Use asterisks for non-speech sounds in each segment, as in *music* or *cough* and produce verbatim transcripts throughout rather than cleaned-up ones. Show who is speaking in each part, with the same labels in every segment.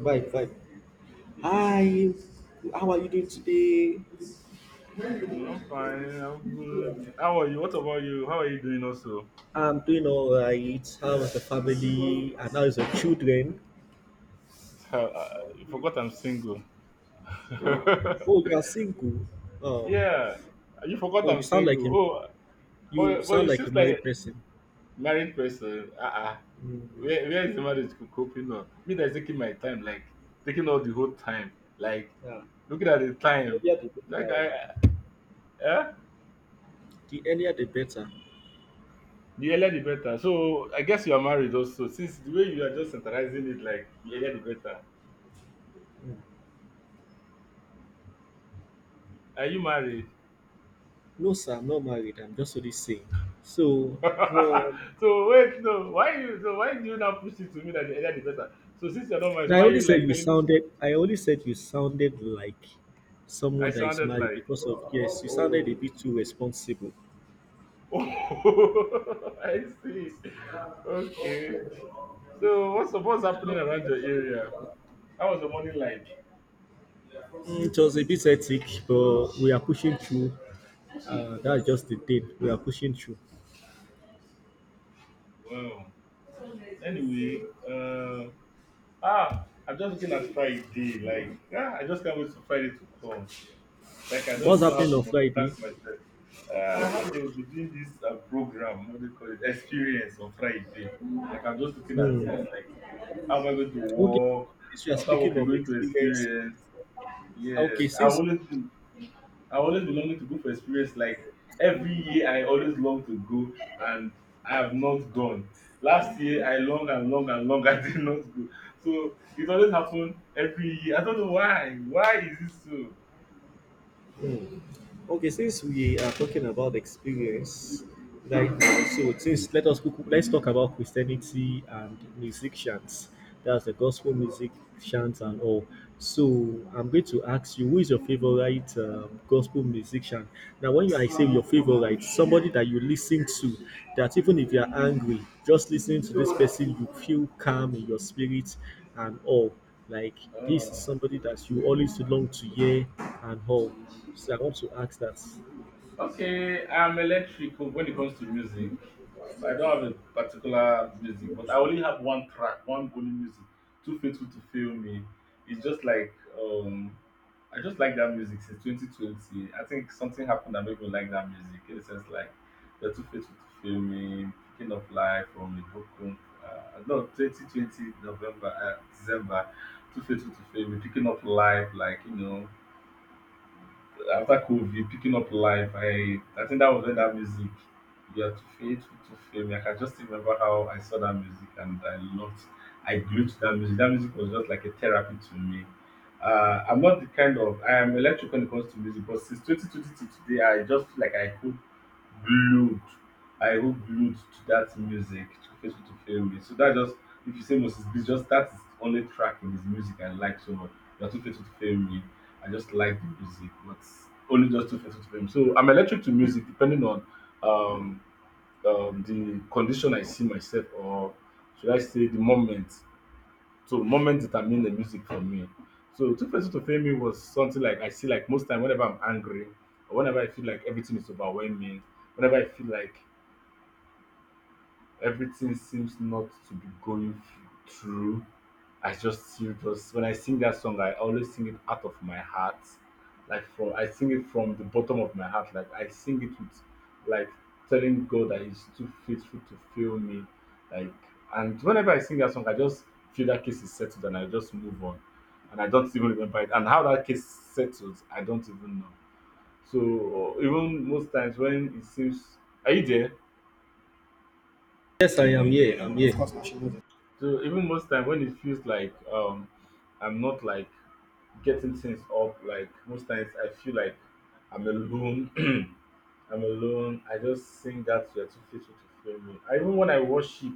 Speaker 1: Bye, bye. Hi, how are you doing today?
Speaker 2: Mm, I'm fine. I'm good. How are you? What about you? How are you doing also?
Speaker 1: I'm doing all right. How is the
Speaker 2: No,
Speaker 1: family? And how is the children?
Speaker 2: *laughs* uh, you forgot I'm single. *laughs*
Speaker 1: Oh, you are single. Oh,
Speaker 2: Yeah, you forgot
Speaker 1: oh,
Speaker 2: I'm
Speaker 1: you sound like
Speaker 2: single.
Speaker 1: him.
Speaker 2: Oh,
Speaker 1: You
Speaker 2: but but
Speaker 1: sound
Speaker 2: you
Speaker 1: like a
Speaker 2: seems
Speaker 1: married
Speaker 2: like
Speaker 1: person.
Speaker 2: married person. Uh-uh.
Speaker 1: Yeah,
Speaker 2: Where where is the marriage co- coping on? Me that's taking my time, like taking all the whole time, like looking at the
Speaker 1: the
Speaker 2: time.
Speaker 1: earlier the better.
Speaker 2: Like
Speaker 1: Oh.
Speaker 2: I, eh?
Speaker 1: The earlier the better.
Speaker 2: The earlier the better. So I guess you are married also, since the way you are just centralizing it, like the earlier the better.
Speaker 1: Mm.
Speaker 2: Are you married?
Speaker 1: No, sir, I'm not married. I'm just only saying. So, um,
Speaker 2: *laughs* So wait, no, why you? So why do you now push it to me that the earlier the better? So since you're not mine, so
Speaker 1: now I
Speaker 2: why
Speaker 1: only
Speaker 2: you
Speaker 1: said
Speaker 2: like
Speaker 1: you
Speaker 2: telling me
Speaker 1: sounded. I only said you sounded like
Speaker 2: I
Speaker 1: someone that is
Speaker 2: sounded
Speaker 1: married
Speaker 2: like?
Speaker 1: because of yes, you sounded
Speaker 2: Oh,
Speaker 1: a bit too responsible.
Speaker 2: *laughs* oh, I see. Okay. So what's what's happening around your area? How was the morning like?
Speaker 1: It was a bit hectic, but we are pushing through. Uh, that's just the thing. We are pushing through.
Speaker 2: Wow. Anyway, uh, ah, I'm just looking at Friday. Like, ah, I just can't wait for Friday to come. Like I don't
Speaker 1: What's
Speaker 2: even know how
Speaker 1: happening
Speaker 2: to
Speaker 1: on
Speaker 2: multitask
Speaker 1: Friday?
Speaker 2: myself. Uh, I had they will be doing this uh, program, what do they call it, experience on Friday. Like I'm just looking at it,
Speaker 1: Hmm.
Speaker 2: like how am I going to
Speaker 1: Okay,
Speaker 2: walk?
Speaker 1: since we are
Speaker 2: After
Speaker 1: speaking
Speaker 2: working,
Speaker 1: of
Speaker 2: going to
Speaker 1: experience,
Speaker 2: experience. Yes,
Speaker 1: okay,
Speaker 2: I
Speaker 1: since
Speaker 2: always been, I always been longing to go for experience. Like every year, I always long to go, and I have not gone. Last year, I long and long and long, *laughs* I did not go. So it always happen every year. I don't know why. Why is it so?
Speaker 1: mm. Okay, since we are talking about experience right now, so since let us let's talk about Christianity and musicians. That's the gospel music chants and all. So I'm going to ask you, who is your favorite um, gospel musician? Now, when you I say your favorite, somebody that you listen to, that even if you are angry, just listening to this person, you feel calm in your spirit and all. Like this is
Speaker 2: Uh,
Speaker 1: somebody that you always long to hear and all. So I
Speaker 2: mm.
Speaker 1: want to ask that.
Speaker 2: Okay, I'm electric when it comes to music. I don't have a particular music, but I only have one track, one only music, Too Faithful to Fail Me. It's just like, um, I just like that music since twenty twenty. I think something happened that made me like that music. In a sense, like, you're Too Faithful to Fail Me, King of Life from Ibokun. Uh, no, twenty twenty November, uh, December, Too Faithful to Fail Me, Picking Up Life, like, you know, after COVID, picking up life, I I think that was when that music you are too faithful to fame. I can just remember how I saw that music and I loved I glued to that music. That music was just like a therapy to me. Uh, I'm not the kind of I am electric when it comes to music, but since twenty twenty to today, I just feel like I could glued. I wrote glued to that music to face me to fail me. So that just if you say Moses Bliss, just that's the only track in his music I like so much. That too faithful to fail me. I just like the music, but only just too faithful to fail me. So I'm electric to music depending on um, um the condition I see myself, or should I say the moment, so moment determine the music for me. So Two Faces to Fame was something like I see like most time whenever I'm angry or whenever I feel like everything is overwhelming, whenever I feel like everything seems not to be going f- through. I just feel just when I sing that song, I always sing it out of my heart, like from I sing it from the bottom of my heart. Like I sing it with, like telling God that He's too faithful to fail me. Like and whenever I sing that song, I just feel that case is settled and I just move on, and I don't even remember it. And how that case settles, I don't even know. So even most times when it seems, are you there?
Speaker 1: Yes, I am here. I'm here.
Speaker 2: So even most time when it feels like um I'm not like getting things up, like most times I feel like I'm alone. *clears throat* I'm alone. I just sing that you're too faithful to fail me. I, even when I worship,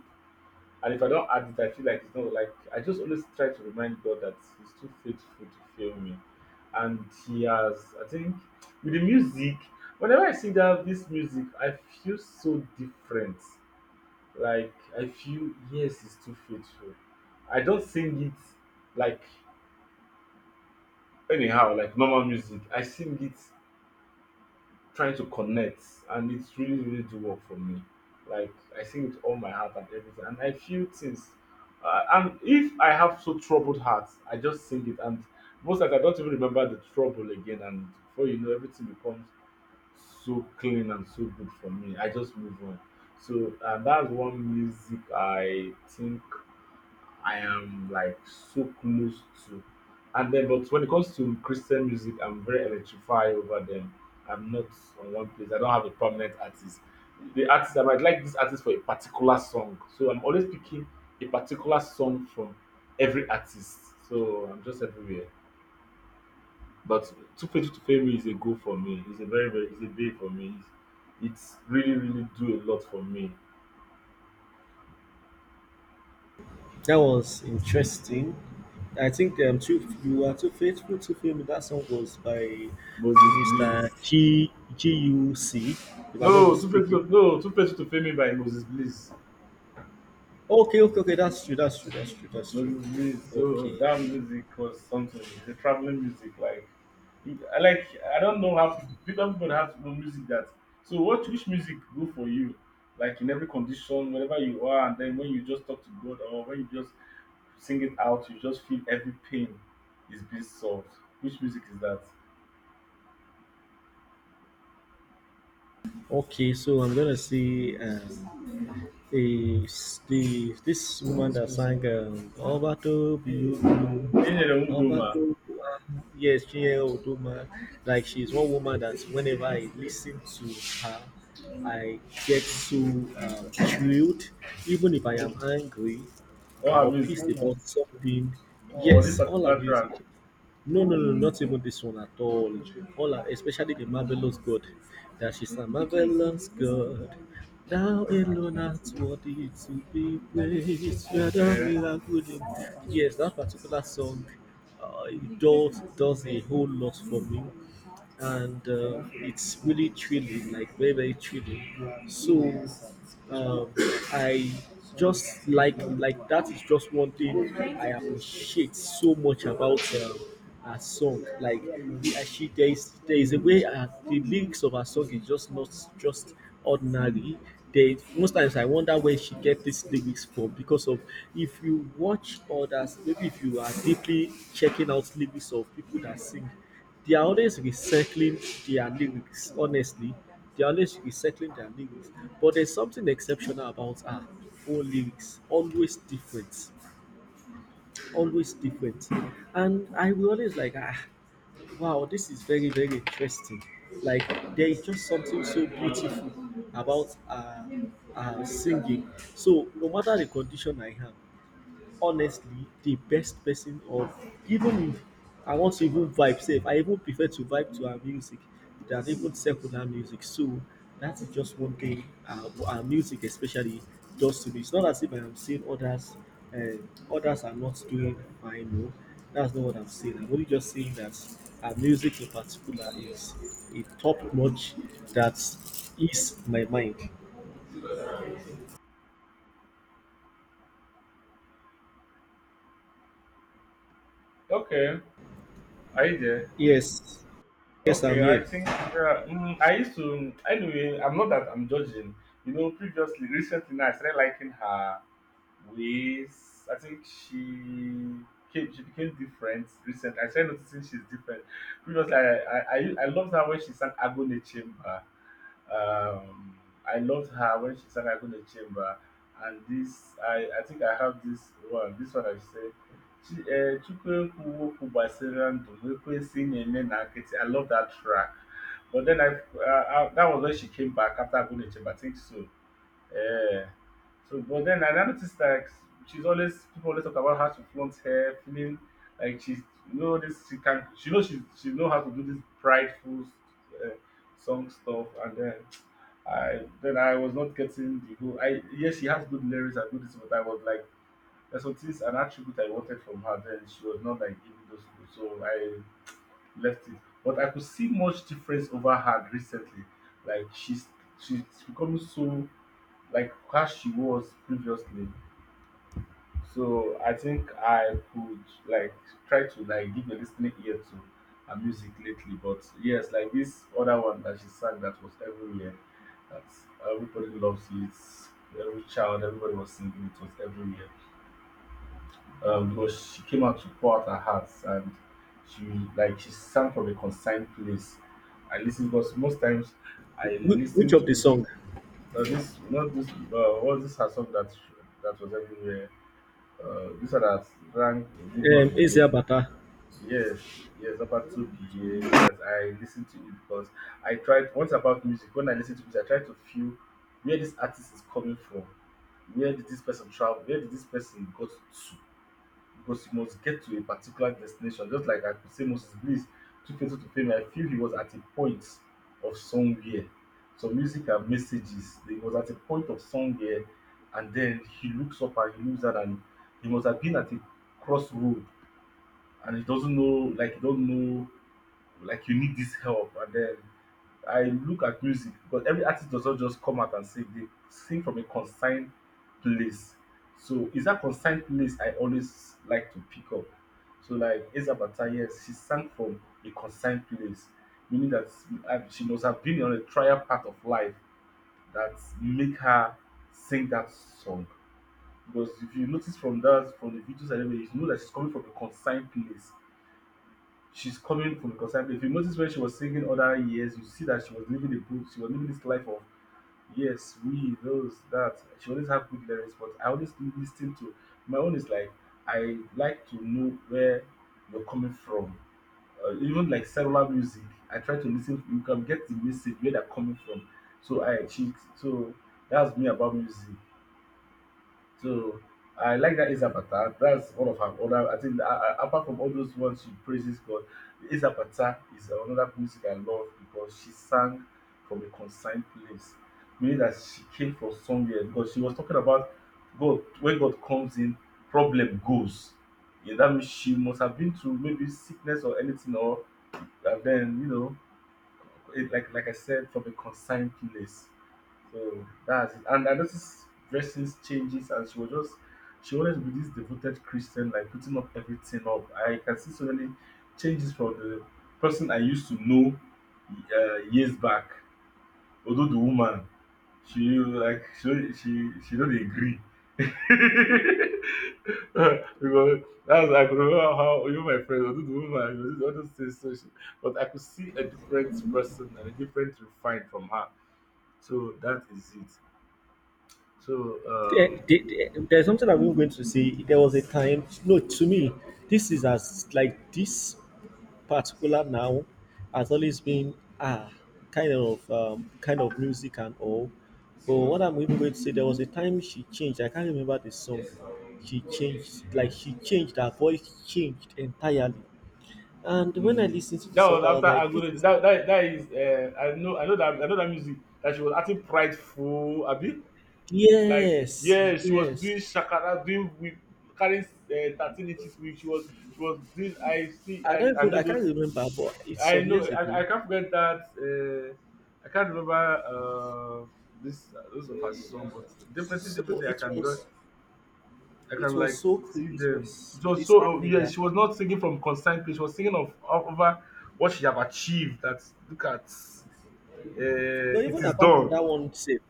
Speaker 2: and if I don't add it, I feel like it's not like I just always try to remind God that He's too faithful to fail me, and He has. I think with the music, whenever I sing that this music, I feel so different. Like I feel yes, it's too faithful. I don't sing it like anyhow, like normal music. I sing it trying to connect, and it's really really do work for me. Like I sing with all my heart and everything, and I feel things. Uh, and if I have so troubled heart, I just sing it, and most times I don't even remember the trouble again. And before you know, everything becomes so clean and so good for me. I just move on. So and that's one music I think I am like so close to. And then, but when it comes to Christian music, I'm very electrified over them. I'm not on one place. I don't have a permanent artist. The artist I might like this artist for a particular song, so I'm always picking a particular song from every artist. So I'm just everywhere. But Too Faithful to Fail Me is a goal for me. It's a very very it's a day for me. It's really really do a lot for me.
Speaker 1: That was interesting. I think um, too, you were too faithful to film. That song was by
Speaker 2: Moses
Speaker 1: Mister
Speaker 2: Bliss.
Speaker 1: G G U C, if I'm not
Speaker 2: No, Too
Speaker 1: mistaken.
Speaker 2: Faithful to, no Too Faithful to Fail Me by Moses Bliss.
Speaker 1: Okay, okay, okay. That's true. That's true. That's true. That's true.
Speaker 2: Mostly, so
Speaker 1: Okay,
Speaker 2: that music was something. It's a traveling music. Like, you- I like. I don't know how people, people people have no music that. So, what which music go for you? Like in every condition, wherever you are, and then when you just talk to God or when you just sing it out, you just feel every pain is being solved. Which music is that?
Speaker 1: okay. So I'm gonna see. Um, the, the this woman that sang um, Ọba tó bí olú,
Speaker 2: Jenny
Speaker 1: Ọba tó
Speaker 2: Udoma
Speaker 1: bí wá, yes, Chinyere Udoma, like she's one woman that whenever I listen to her, I get so um, thrilled, even if I
Speaker 2: or
Speaker 1: am angry
Speaker 2: or
Speaker 1: uh,
Speaker 2: her
Speaker 1: or
Speaker 2: music
Speaker 1: pissed about something.
Speaker 2: or this
Speaker 1: Yes, all her
Speaker 2: particular track?
Speaker 1: music. No, no, no, not even this one at all. All are, especially the
Speaker 2: Mm,
Speaker 1: marvelous God. That she's a marvelous God. Thou alone art worthy to be praised. You are the
Speaker 2: okay,
Speaker 1: miracle. Yes, that particular song, uh, it does does a whole lot for me and uh, it's really thrilling, like very very thrilling. So, um, I just like like that is just one thing I appreciate so much about um, her song. Like uh, she there is there is a way uh, the lyrics of her song is just not just ordinary. They, most times I wonder where she get these lyrics from because of if you watch others, maybe if you are deeply checking out lyrics of people that sing, they are always recycling their lyrics, honestly. They are always recycling their lyrics. But there's something exceptional about her own lyrics. Always different. Always different. And I will always like, ah, wow, this is very, very interesting. Like, there is just something so beautiful about uh, uh, singing. So, no matter the condition I have honestly the best person of even if I want to even vibe safe, I even prefer to vibe to her music than even secular music. So that is just one thing uh, our music especially does to me. It's not as if I am saying others and others are not doing fine. No, that's not what I'm saying. I'm only just saying that our music in particular is a top notch that is my mind.
Speaker 2: okay. Are you there?
Speaker 1: Yes, yes, I'm
Speaker 2: Okay, I
Speaker 1: here.
Speaker 2: think yeah, mm, I used to anyway. I'm not that I'm judging. You know, previously, recently, I started liking her we s- I think she came, she became different recently. I started noticing she's different. Previously, I I, I, I loved her when she sang Agone Chamber. Um, I loved her when she sang Agone Chamber. And this, I, I think I have this one. This one I say, Chi- eh, Chukwuekwu Wokwu ndụ m, ekwesị na-eme na nkịtị. I love that track. But then I, uh, uh that was when she came back after Agone Chamber. I think so. Yeah. So, but then I noticed like she's always people always talk about how she flaunts hair, feeling like she's you know this she can she knows she she know how to do this prideful uh, song stuff, and then I then I was not getting the whole. I yes, she has good lyrics and good this, but I was like there's some things an attribute I wanted from her. Then she was not like giving those, so I left it. But I could see much difference over her recently. Like she's she's becoming so like how she was previously. So I think I could like try to like give a listening ear to her music lately. But yes, like this other one that she sang that was everywhere, that everybody loves it. Every child, everybody was singing it was everywhere. Um, because she came out to pour out her heart and she like she sang from a consigned place. I listen because most times I
Speaker 1: Wh- Which
Speaker 2: listen
Speaker 1: of the
Speaker 2: to
Speaker 1: song?
Speaker 2: uh, this not this uh, what this her song that that was everywhere. Uh, this one that ranked middle
Speaker 1: um,
Speaker 2: of the
Speaker 1: Eze
Speaker 2: year.
Speaker 1: Abata.
Speaker 2: Yes, yes, about two P A. Yes, I listened to it because I tried once about music. When I listen to music, I try to feel where this artist is coming from. Where did this person travel? Where did this person go to? Because you must get to a particular destination. Just like I could say Moses Bliss took Fatal to fame, I feel he was at a point of somewhere. So music and messages, he was at a point of somewhere, and then he looks up and he looks at and he must have been at a crossroad and he doesn't know, like he don't know, like you need this help, and then I look at music because every artist does not just come out and sing, they sing from a consigned place. So it's that consigned place I always like to pick up. So like Esa Bata, yes, she sang from a consigned place, meaning that uh, she must have been on a trial path of life that make her sing that song. Because if you notice from that, from the videos and everything, you know that she's coming from a consigned place she's coming from concern. If you notice when she was singing other years, you see that she was living the book. She was living this life of yes, we, those, that. She always have good lyrics, but I always listen to my own is like I like to know where you're coming from. Uh, even like cellular music, I try to listen. You can get the message where they're coming from. So I she so that's me about music. So I like that Isapata. That's one of her other. I think uh, uh, apart from all those ones she praises God, Isapata is another music I love because she sang from a consigned place, meaning that she came from somewhere. Because she was talking about God. When God comes in, problem goes. Yeah, that means she must have been through maybe sickness or anything, or and then you know, it, like like I said, from a consigned place. So that's it. And I noticed dressings changes, and she was just she always be this devoted Christian, like putting up everything up. I can see so many changes from the person I used to know uh, years back. Although the woman, she like she she she don't agree. *laughs* because that's I could remember how you my friend, although the woman, you know, all those things. So she, but I could see a different person and a different refine from her. So that is it. So
Speaker 1: There,
Speaker 2: um,
Speaker 1: there- there's something I'm even going to say. There was a time, no, to me, this is as like this particular now has always been ah kind of um, kind of music and all. But what I'm even going to say, there was a time she changed. I can't remember the song. She changed, like she changed her voice, changed entirely. And when I
Speaker 2: mm,
Speaker 1: listened to the
Speaker 2: that
Speaker 1: song,
Speaker 2: was
Speaker 1: I was
Speaker 2: after
Speaker 1: like, this
Speaker 2: Agolo.
Speaker 1: is
Speaker 2: That that that is uh, I know I know that I know that music that she was acting prideful, Abi. Like
Speaker 1: yes,
Speaker 2: yeah, she was
Speaker 1: yes.
Speaker 2: doing shakara, doing with carrying uh, thirteen inches whip. She was she was doing. I see
Speaker 1: I
Speaker 2: and
Speaker 1: don't
Speaker 2: I, I
Speaker 1: even,
Speaker 2: know
Speaker 1: I can't
Speaker 2: those.
Speaker 1: remember, but it's
Speaker 2: I
Speaker 1: some
Speaker 2: know
Speaker 1: years
Speaker 2: I,
Speaker 1: ago.
Speaker 2: I can't forget that. Uh, I can't remember uh, this uh, those of her song, but definitely
Speaker 1: So
Speaker 2: definitely I
Speaker 1: it
Speaker 2: can
Speaker 1: was
Speaker 2: I can
Speaker 1: it was
Speaker 2: like
Speaker 1: so cool.
Speaker 2: see
Speaker 1: It
Speaker 2: them.
Speaker 1: was
Speaker 2: It was so uh,
Speaker 1: disheartening
Speaker 2: yeah,
Speaker 1: that
Speaker 2: she was not singing from consigned place. She was singing of of- over what she have achieved. That look at uh,
Speaker 1: no,
Speaker 2: it
Speaker 1: even
Speaker 2: is
Speaker 1: apart from
Speaker 2: done.
Speaker 1: that one safe.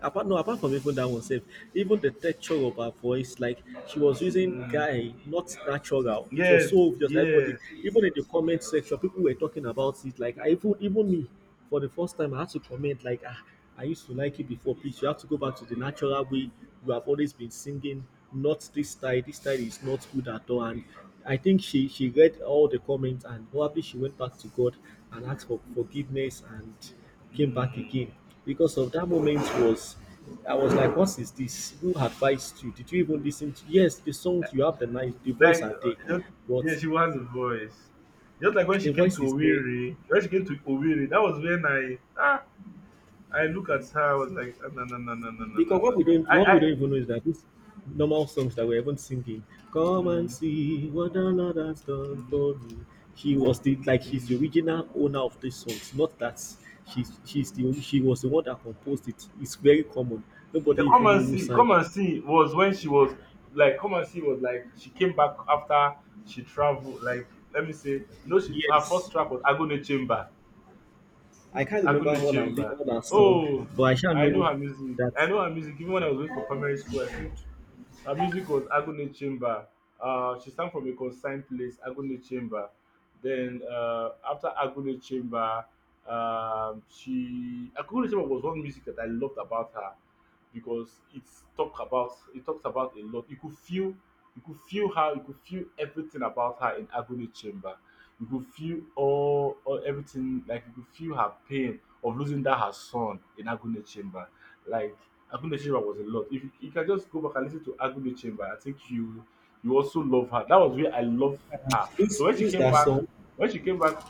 Speaker 1: Apart no, apart from even that one safe, even the texture of her voice, like she was using
Speaker 2: Mm,
Speaker 1: guy, not natural. It was
Speaker 2: yes,
Speaker 1: so obvious. Everybody,
Speaker 2: yes.
Speaker 1: even in the comment section, people were talking about it. Like I even even me, for the first time, I had to comment like, ah, I used to like it before. Please, you have to go back to the natural way you have always been singing. Not this style. This style is not good at all. And I think she she read all the comments and probably she went back to God and asked for forgiveness and came back
Speaker 2: Mm.
Speaker 1: again. Because of that moment was I was like, what is this? Who advised you? Did you even listen to yes, the songs you have the nice the voice
Speaker 2: Like
Speaker 1: are
Speaker 2: uh,
Speaker 1: there,
Speaker 2: that- yeah,
Speaker 1: but
Speaker 2: she has a voice. Just like when she
Speaker 1: the
Speaker 2: came to
Speaker 1: voice is there.
Speaker 2: Owerri, when she came to Owerri, that was when I ah I look at her. I was like ah, no no no no no no no
Speaker 1: Because what
Speaker 2: no.
Speaker 1: we don't
Speaker 2: I
Speaker 1: what we
Speaker 2: I
Speaker 1: don't even know is that these normal songs that we're even singing, come and
Speaker 2: mm,
Speaker 1: see what another's done
Speaker 2: mm,
Speaker 1: for me. He was the like he's the
Speaker 2: mm.
Speaker 1: original owner of these songs, not that she's she's the only she was the one that composed it. It's very common.
Speaker 2: The
Speaker 1: Nobody
Speaker 2: Come
Speaker 1: even know
Speaker 2: and
Speaker 1: who
Speaker 2: See,
Speaker 1: sang
Speaker 2: Come
Speaker 1: it.
Speaker 2: and See was when she was like Come and See was like she came back after she traveled. Like let me say, no, she her first
Speaker 1: Yes.
Speaker 2: track was Agune Chamber.
Speaker 1: I can't remember
Speaker 2: Agune
Speaker 1: all that, li-
Speaker 2: Chamber.
Speaker 1: all that song,
Speaker 2: Oh,
Speaker 1: but I shall
Speaker 2: I know
Speaker 1: know
Speaker 2: her music.
Speaker 1: that
Speaker 2: I know her music. Even when I was waiting for primary school, I still her music was Agony Chamber. Uh, she sang from a consigned place, Agony Chamber. Then uh, after Agony Chamber, um, she Agony Chamber was one music that I loved about her because it's talk about it talks about a lot. You could feel you could feel her, you could feel everything about her in Agony Chamber. You could feel all, all everything, like you could feel her pain of losing that her son in Agony Chamber. Like Agunde Chamber was a lot. If you, you can just go back and listen to Agunde Chamber, I think you you also love her. That was where I love her. So
Speaker 1: lose
Speaker 2: when she
Speaker 1: lose
Speaker 2: came
Speaker 1: that
Speaker 2: back,
Speaker 1: son.
Speaker 2: when she came back,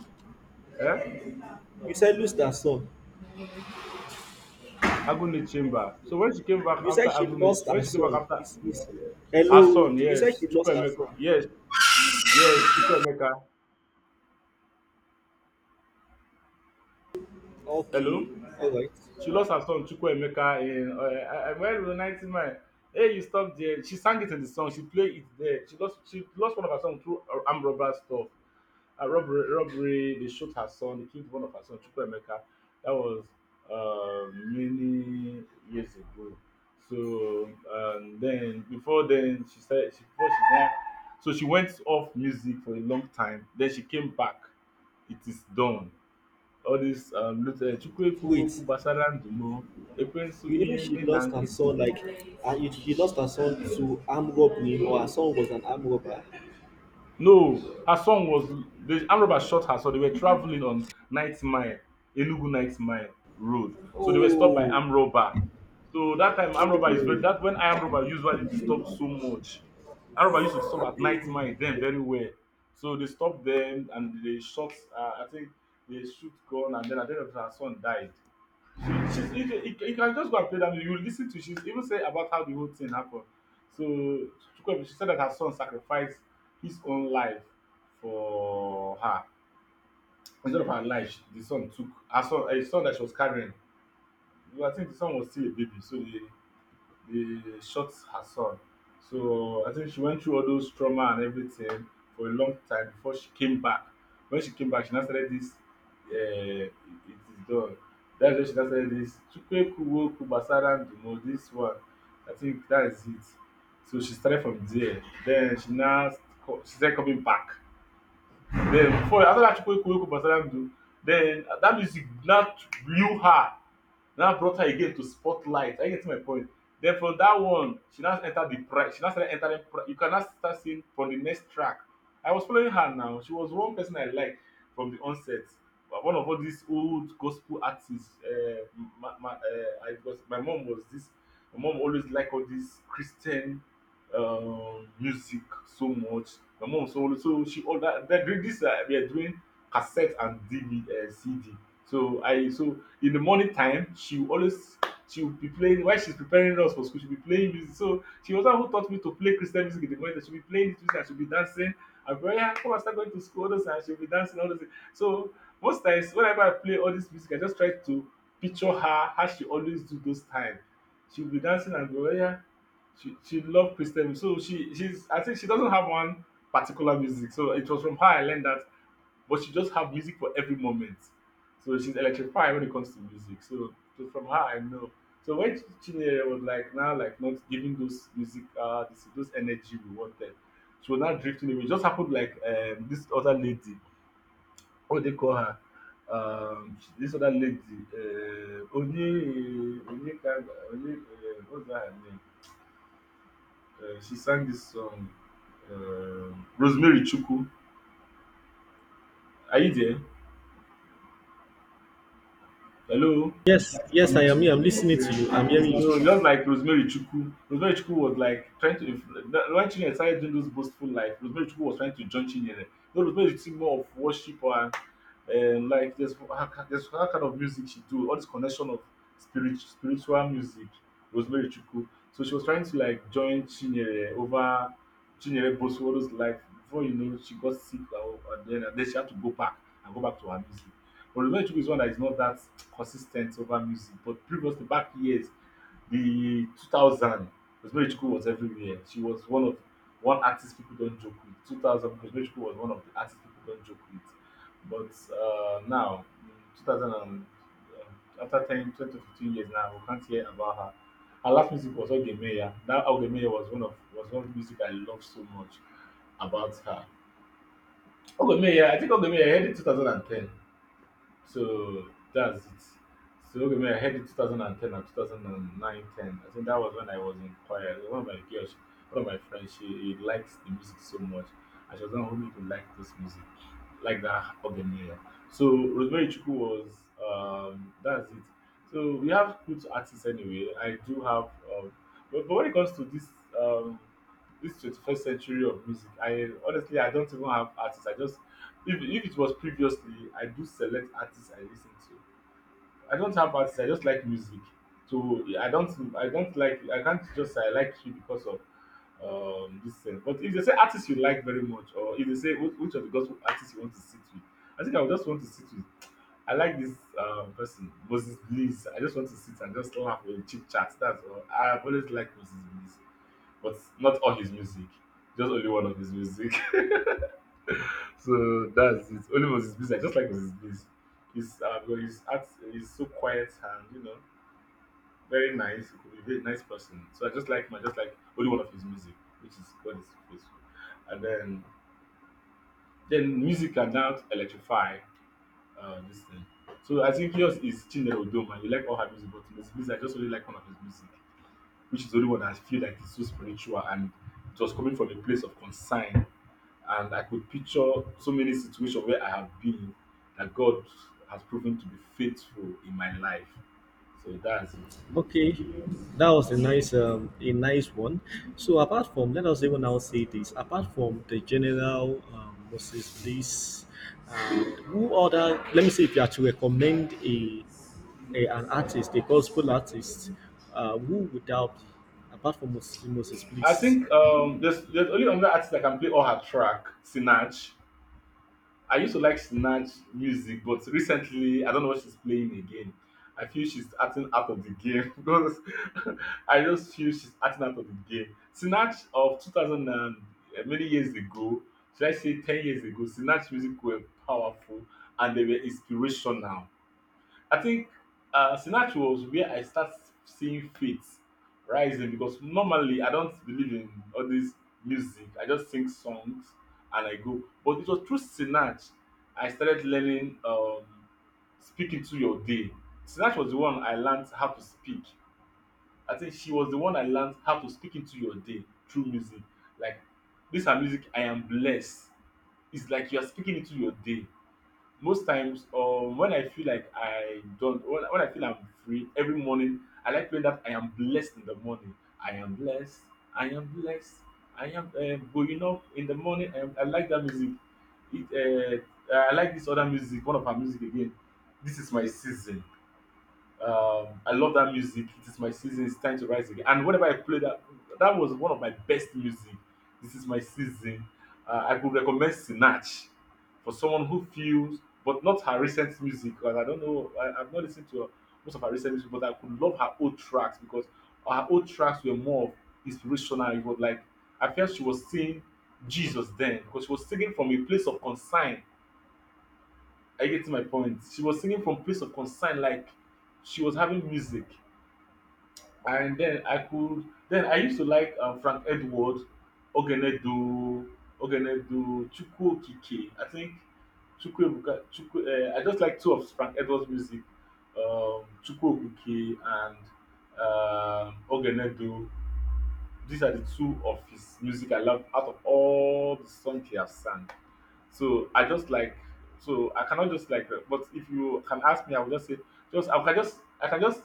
Speaker 2: eh,
Speaker 1: You said lose that son.
Speaker 2: Agunde Chamber. So when she came back
Speaker 1: You
Speaker 2: after
Speaker 1: said she
Speaker 2: Agunde,
Speaker 1: lost
Speaker 2: when
Speaker 1: her
Speaker 2: she came back
Speaker 1: son.
Speaker 2: after
Speaker 1: It's, it's,
Speaker 2: her
Speaker 1: hello,
Speaker 2: son,
Speaker 1: you said
Speaker 2: yes,
Speaker 1: she lost her
Speaker 2: Chukwuemeka,
Speaker 1: son.
Speaker 2: yes, yes, Chukwuemeka. Hello,
Speaker 1: Okay, all right.
Speaker 2: she lost her son Chukwuemeka in uh, I, I, when the ninety-nine. Hey, you stop there. She sang it in the song. She played it there. She lost. She lost one of her songs through uh, armed robber stuff. A robbery, robbery. They shot her son. They killed one of her son, Chukwuemeka. That was uh, many years ago. So um, then, before then, she started. She, before she died, so she went off music for a long time. Then she came back. It is done. All this um, Chukweku
Speaker 1: Wait,
Speaker 2: Woku Basara Ndumo, Ekwensu
Speaker 1: you
Speaker 2: Ine
Speaker 1: mean she
Speaker 2: Me Na
Speaker 1: lost her
Speaker 2: Nkịtị.
Speaker 1: son? Like, uh, you- she lost her son to arm robbery, or her son was an arm robber?
Speaker 2: No, her son was the armed robbers shot her. So they were traveling on Night Mile, Enugu Night Mile Road. So they were stopped by
Speaker 1: Oh,
Speaker 2: armed robber. So that time armed robber is very
Speaker 1: oh.
Speaker 2: that when armed robber usually disturb so much. Armed robber used to disturb at night mile them very well. So they stopped them and they shot. Uh, I think they shoot gun, and then at the her son died. She she, you can you can you can just go and play that music. You listen to she even say about how the whole thing happened. So Chukwuemeka, she said that her son sacrificed his own life for her instead of her life. She, the son took her son A son that she was carrying. I think the son was still a baby, so the they shot her son. So I think she went through all those trauma and everything for a long time before she came back. When she came back, she now started this. Uh, it it is done. That's when she now started this. Chukwe Chukwuekuwo kubasaran Ndumo. This one, I think that is it. So she started from there. Then she now co- she started coming back. Then before after that Chukwuekuwo kubasaran Ndumo, then that music now blew her now brought her again to spotlight. I get to my point. Then from that one, she now entered the price. She now started entering. Pri- you can now start seeing from the next track. I was following her now. She was one person I liked from the onset. But one of all these old gospel artists. Uh, my, my, uh, I was, my mom was this. My mom always liked all this Christian um, music so much. My mom so so she all That, That this uh, we are doing cassette and D V D, uh, C D. So I so in the morning time, she will always she will be playing while she's preparing us for school. She'll be playing music. So she was the one who taught me to play Christian music in the morning. She'll be playing this music and she'll be dancing. I'll be like, yeah, come and start going to school, all those, and she'll be dancing, all those things. So most times whenever I play all this music, I just try to picture her how she always do those times. She'll be dancing and go, yeah. She she loved Christian music. So she she's I think she doesn't have one particular music. So it was from her I learned that, but she just have music for every moment. So she's electrified when it comes to music. So, so from her, I know. So when Ch- Chinyere was like now like not giving those music uh this, those energy we wanted, she was not drifting away. It just happened like um, this other lady, what they call her, um, she- this other lady, uh, Oni Oni Kanga, Oni uh, what's that her name? Uh, she sang this song, um, Rosemary Chuku. Are you there? Hello.
Speaker 1: Yes, yes, I am here. I'm listening to
Speaker 2: Okay.
Speaker 1: you. I'm hearing
Speaker 2: So
Speaker 1: you.
Speaker 2: just like Rosemary Chukwu, Rosemary Chukwu was like trying to influ- that- when Chinyere started doing those boastful life, Rosemary Chukwu was trying to join Chinyere. So Rosemary is more of worship and um, like there's her- there's her kind of music she do, all this connection of spirit spiritual music, Rosemary Chukwu. So she was trying to like join Chinyere over Chinyere boastful all those life. Before you know, she got sick, and and then, and then she had to go back and go back to her music. But Rosemary Chukwu is one that is not that consistent over music, but previously back years the two thousand Rosmerichukwu was everywhere. She was one of one artist people don't joke with. two thousand Rosmerichukwu was one of the artists people don't joke with. But uh, now, in two thousand and, uh, after ten, ten to fifteen years now, we can't hear about her. Her last music was Ogemeya. That Ogemeya was one of was one of the music I loved so much about her. Ogemeya, I think Ogemeya I heard in two thousand ten. So that's it. So okay, I had it twenty ten and ten and two thousand and nine, ten. I think that was when I was in choir. One of my girls, one of my friends, she, she likes the music so much. And she was the one who made me like this music, like that organ here. So Rosemary Chuku was, um, that's it. So we have good artists anyway. I do have, um, but, but when it comes to this, um, this twenty-first century of music, I honestly, I don't even have artists. I just if if it was previously, I do select artists I listen to. I don't have artists. I just like music. So I don't I don't like I can't just say I like you because of um this thing. But if they say artists you like very much, or if they say, "Wh- which of the gospel artists you want to sit with, I think I would just want to sit with. I like this um, person Moses Bliss. I just want to sit and just laugh and chit chat. That's all. I've always liked Moses Bliss, but not all his music. Just only one of his music. *laughs* So that's it. Only was his business. I just like was his business. He's uh, because he's act, he's so quiet and you know very nice. He could be a very nice person. So I just like him. I just like only one of his music, which is God is faithful. And then then music can now electrify uh, this thing. So I think yours is Chinelo Doma. You like all her music, but his music I just really like one of his music, which is the only one that I feel like is so spiritual and it was coming from a place of concern and I could picture so many situations where I have been that God has proven to be faithful in my life. So that's it.
Speaker 1: Okay, that was a nice um, a nice one. So apart from, let us even now say this. Apart from the general um, Moses Bliss, um, who other? Let me see if you are to recommend a, a an artist, a gospel artist, uh, who would that be? Apart from Moses, Moses
Speaker 2: I
Speaker 1: Bliss.
Speaker 2: think um, there's there's only another artist that can play all her track, Sinach. I used to like snatch music, but recently I don't know what she's playing again. I feel she's acting out of the game *laughs* because I just feel she's acting out of the game. Snatch of two thousand and eh, many years ago, should I say ten years ago, Snatch music were powerful and they were inspirational. I think uh, Sinach was where I start seeing faith rising because normally I don't believe in all this music. I just sing songs and I go. But it was through Sinach I started learning um, speaking to your day. Sinach was the one I learned how to speak. I think she was the one I learned how to speak into your day through music. Like this her music, I am blessed. It's like you are speaking into your day. Most times, um, when I feel like I don't, when, when I feel I'm free every morning, I like playing that I am blessed in the morning. I am blessed. I am blessed. I am uh, going up in the morning. I, am, I like that music. It, uh, I like this other music, one of her music again. This is my season. Um, I love that music. It is my season. It's time to rise again. And whenever I play that, that was one of my best music. This is my season. Uh, I could recommend Sinach for someone who feels, but not her recent music because I don't know. I, I've not listened to most of her recent music, but I could love her old tracks because her old tracks were more of inspirational. It was like I felt she was seeing Jesus then because she was singing from a place of concern. I get to my point. She was singing from place of concern, like she was having music and then I could then I used to like um, Frank Edwards, Ogenedo, Ogenedo, Chukwu Okike. I think Chukwu Ebuka, Chukwu. Uh, I just like two of Frank Edwards' music, um, Chukwu Okike and um, Ogenedo. These are the two of his music I love out of all the songs he has sung. So I just like so I cannot just like uh, but if you can ask me, I will just say just I can just I can just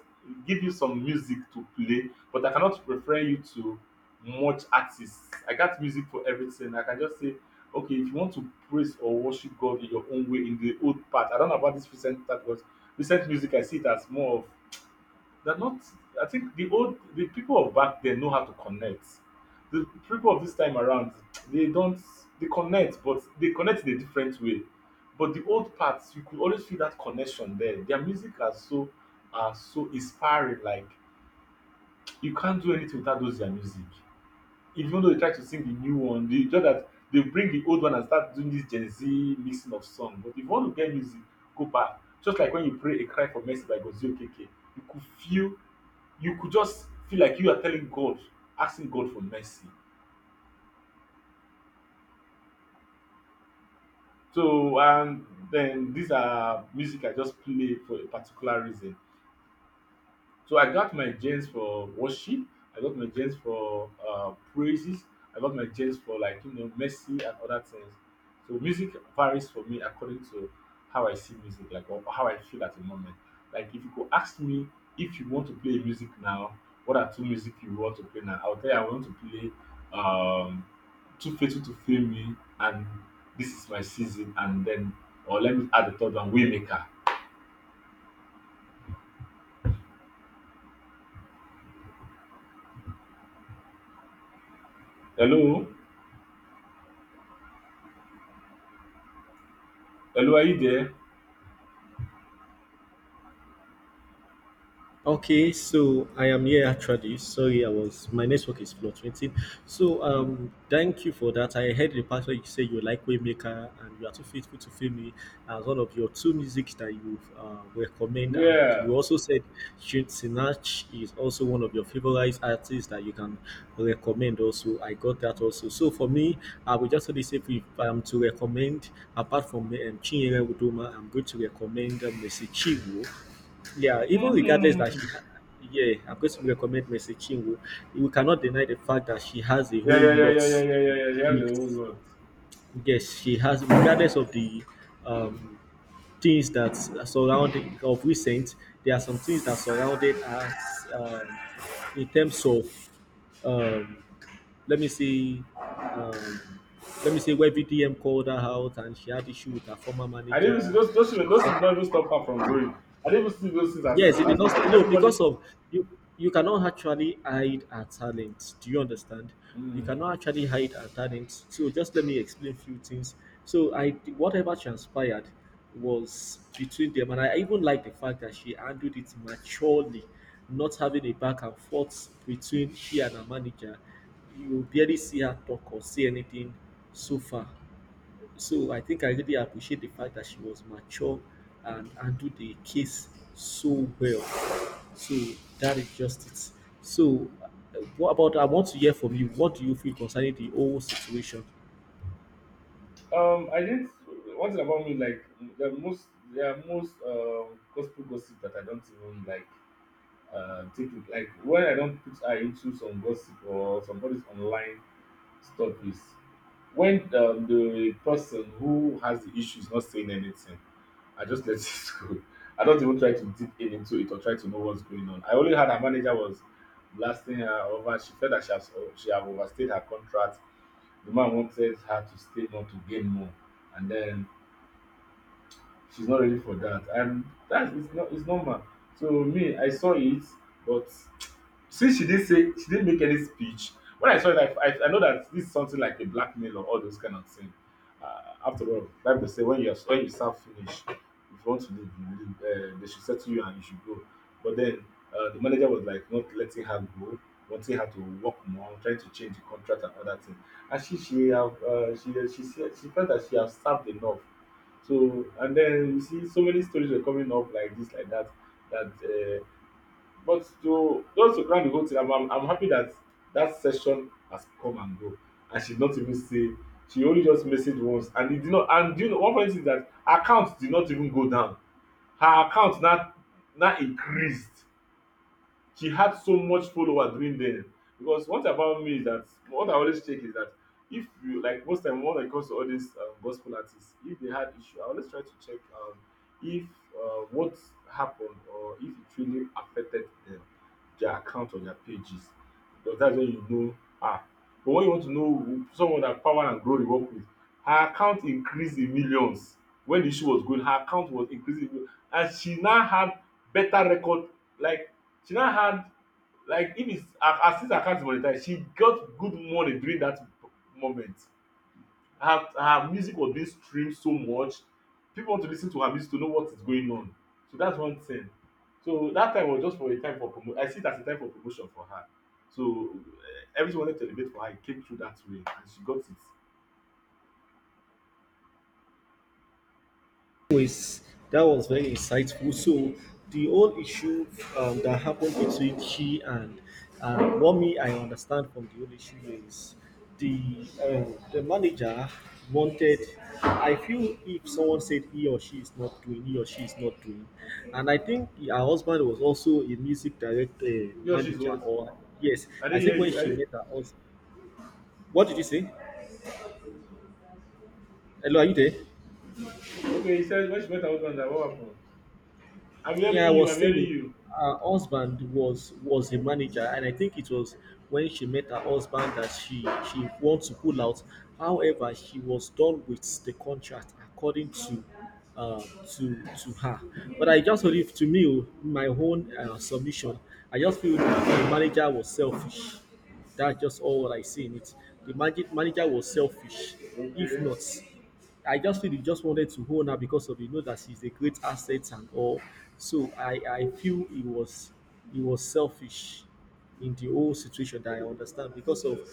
Speaker 2: give you some music to play, but I cannot refer you to much artists. I got music for everything. I can just say, okay, if you want to praise or worship God in your own way in the old part, I don't know about this recent part, but recent music I see it as more of they're not. I think the old the people of back then know how to connect. The people of this time around, they don't. They connect, but they connect in a different way. But the old parts, you could always feel that connection there. Their music are so are so inspiring. Like you can't do anything without those their music. Even though they try to sing the new one, they just that they bring the old one and start doing this Gen Z mixing of song. But if you want to get music, go back. Just like when you pray a cry for mercy by Gozio K K, you could feel you could just feel like you are telling God, asking God for mercy. So, and then these are music I just play for a particular reason. So I got my gems for worship. I got my gems for uh, praises. I got my gems for like you know mercy and other things. So music varies for me according to how I see music, like or how I feel at the moment. Like if you could ask me if you want to play music now, what are two music you want to play now? I'll tell you I want to play um Too Faithful to Fail Me and This Is My Season and then or let me add the third one, Waymaker. Hello, hello, are you there?
Speaker 1: Okay, so I am here actually. Sorry, I was my network is fluctuating. So
Speaker 2: Hmm.
Speaker 1: um, thank you for that. I heard the part where you say you like Waymaker and you are too faithful to fail me as one of your two music that you uh, recommend, and
Speaker 2: Yeah.
Speaker 1: you also said Shin Sinach is also one of your favorite artists that you can recommend. Also, I got that also. So for me, I would just only say if I am to recommend apart from um, Chinyere Udoma, I'm going to recommend um, Messi Chiwo yeah, even regardless that she,
Speaker 2: Mhm.
Speaker 1: ha- yeah, I'm going to recommend Messi Chinwo. We cannot deny the fact that she has a
Speaker 2: Yeah,
Speaker 1: whole
Speaker 2: yeah, yeah,
Speaker 1: lot
Speaker 2: yeah, yeah, yeah, yeah, yeah. She has her own
Speaker 1: gifts.
Speaker 2: lot.
Speaker 1: Yes, she has, regardless of the um, things that surround of recent, there are some things that surrounded us um, in terms of, um, let me see, um, let me see where V D M called her out and she had issue with her former
Speaker 2: I didn't even see
Speaker 1: manager.
Speaker 2: those those things, those things don't even stop her from growing. I didn't even see those things as
Speaker 1: Yes, it did
Speaker 2: as
Speaker 1: not
Speaker 2: it's
Speaker 1: stop. No,
Speaker 2: everybody.
Speaker 1: because of you, you cannot actually hide our talent. Do you understand? You
Speaker 2: Mm.
Speaker 1: cannot actually hide our talent. So just let me explain a few things. So I, whatever transpired was between them, and I even like the fact that she handled it maturely, not having a back and forth between she and her manager. You barely see her talk or say anything so far so I think I really appreciate the fact that she was mature and handled the case so well. So that is just it. So, uh, what about? I want to hear from you. What do you feel concerning the whole situation?
Speaker 2: Um, I didn't. One thing about me, like the most, there are most um gospel gossip that I don't even like. Uh, take it like when I don't put eye into some gossip or somebody's online stop is when um, the person who has the issue is not saying anything, I just let *laughs* it go. I don't even try to dig in into it or try to know what's going on. I only had her manager was blasting her over. She felt that she has she have overstayed her contract. The man wanted her to stay more to gain more, and then she's not ready for that. And that's it's not it's normal. So me, I saw it, but since she didn't say she didn't make any speech, when I saw it, I, I, I know that this is something like a blackmail or all those kind of things. Uh, after all, Bible say when you are when you serve finish, if you want to leave, you leave. Uh, they should settle you and you should go. But then uh, the manager was like not letting her go, wanting her to work more, trying to change the contract and other things. And she she have uh, she she said she felt that she have served enough. So and then you see so many stories were coming up like this, like that, that uh, but to just to cry the whole thing, I'm, I'm, I'm happy that that session has come and go, and she did not even say she only just messaged once, and it did not. And do you know one funny thing is that her account did not even go down; her account now now increased she had so much follower during then because what about me is that what I always check is that if you like most time when it comes to all these um, gospel artists if they had issue I always try to check um, if uh, what happened or if it really affected them their account or their pages because that's when you know ah but when you want to know who- someone that power and glory work with her account increased in millions when the issue was going her account was increasing in millions. And she now had better record like she now had like if it's her her since her account is monetized she got good money during that moment. Her her music was being streamed so much people want to lis ten to her music to know what is going on so that's one thing. So that time was just for a time for promo I see it as a time for promotion for her. So eh, everything wanted to elevate for her it came through that way and she got it.
Speaker 1: Was that was very insightful. So the whole issue um, that happened between she and and what me I understand from the whole issue is the um, the manager wanted. I feel if someone said he or she is not doing, he or she is not doing, and I think her husband was also a music director
Speaker 2: He or she
Speaker 1: manager.
Speaker 2: what?
Speaker 1: Or yes,
Speaker 2: I
Speaker 1: I
Speaker 2: didn't hear
Speaker 1: think when
Speaker 2: you I
Speaker 1: she
Speaker 2: didn't
Speaker 1: met her husband, what did you say? Hello, are you there?
Speaker 2: okay. He said when she met her husband na what happen? I'm
Speaker 1: Yeah, I
Speaker 2: hearing you I'm
Speaker 1: was
Speaker 2: hearing
Speaker 1: saying
Speaker 2: you.
Speaker 1: her husband was was a manager, and I think it was when she met her husband that she she wants to pull out. However, she was done with the contract according to uh, to to her. But I just feel if to me oh, my own uh, submission, I just feel the manager was selfish. That's just all what I see in it. The manager manager was selfish. If
Speaker 2: Okay.
Speaker 1: not. I just feel he just wanted to own her because of you know that she's a great asset and all. So I I feel he was he was selfish in the whole situation that I understand because of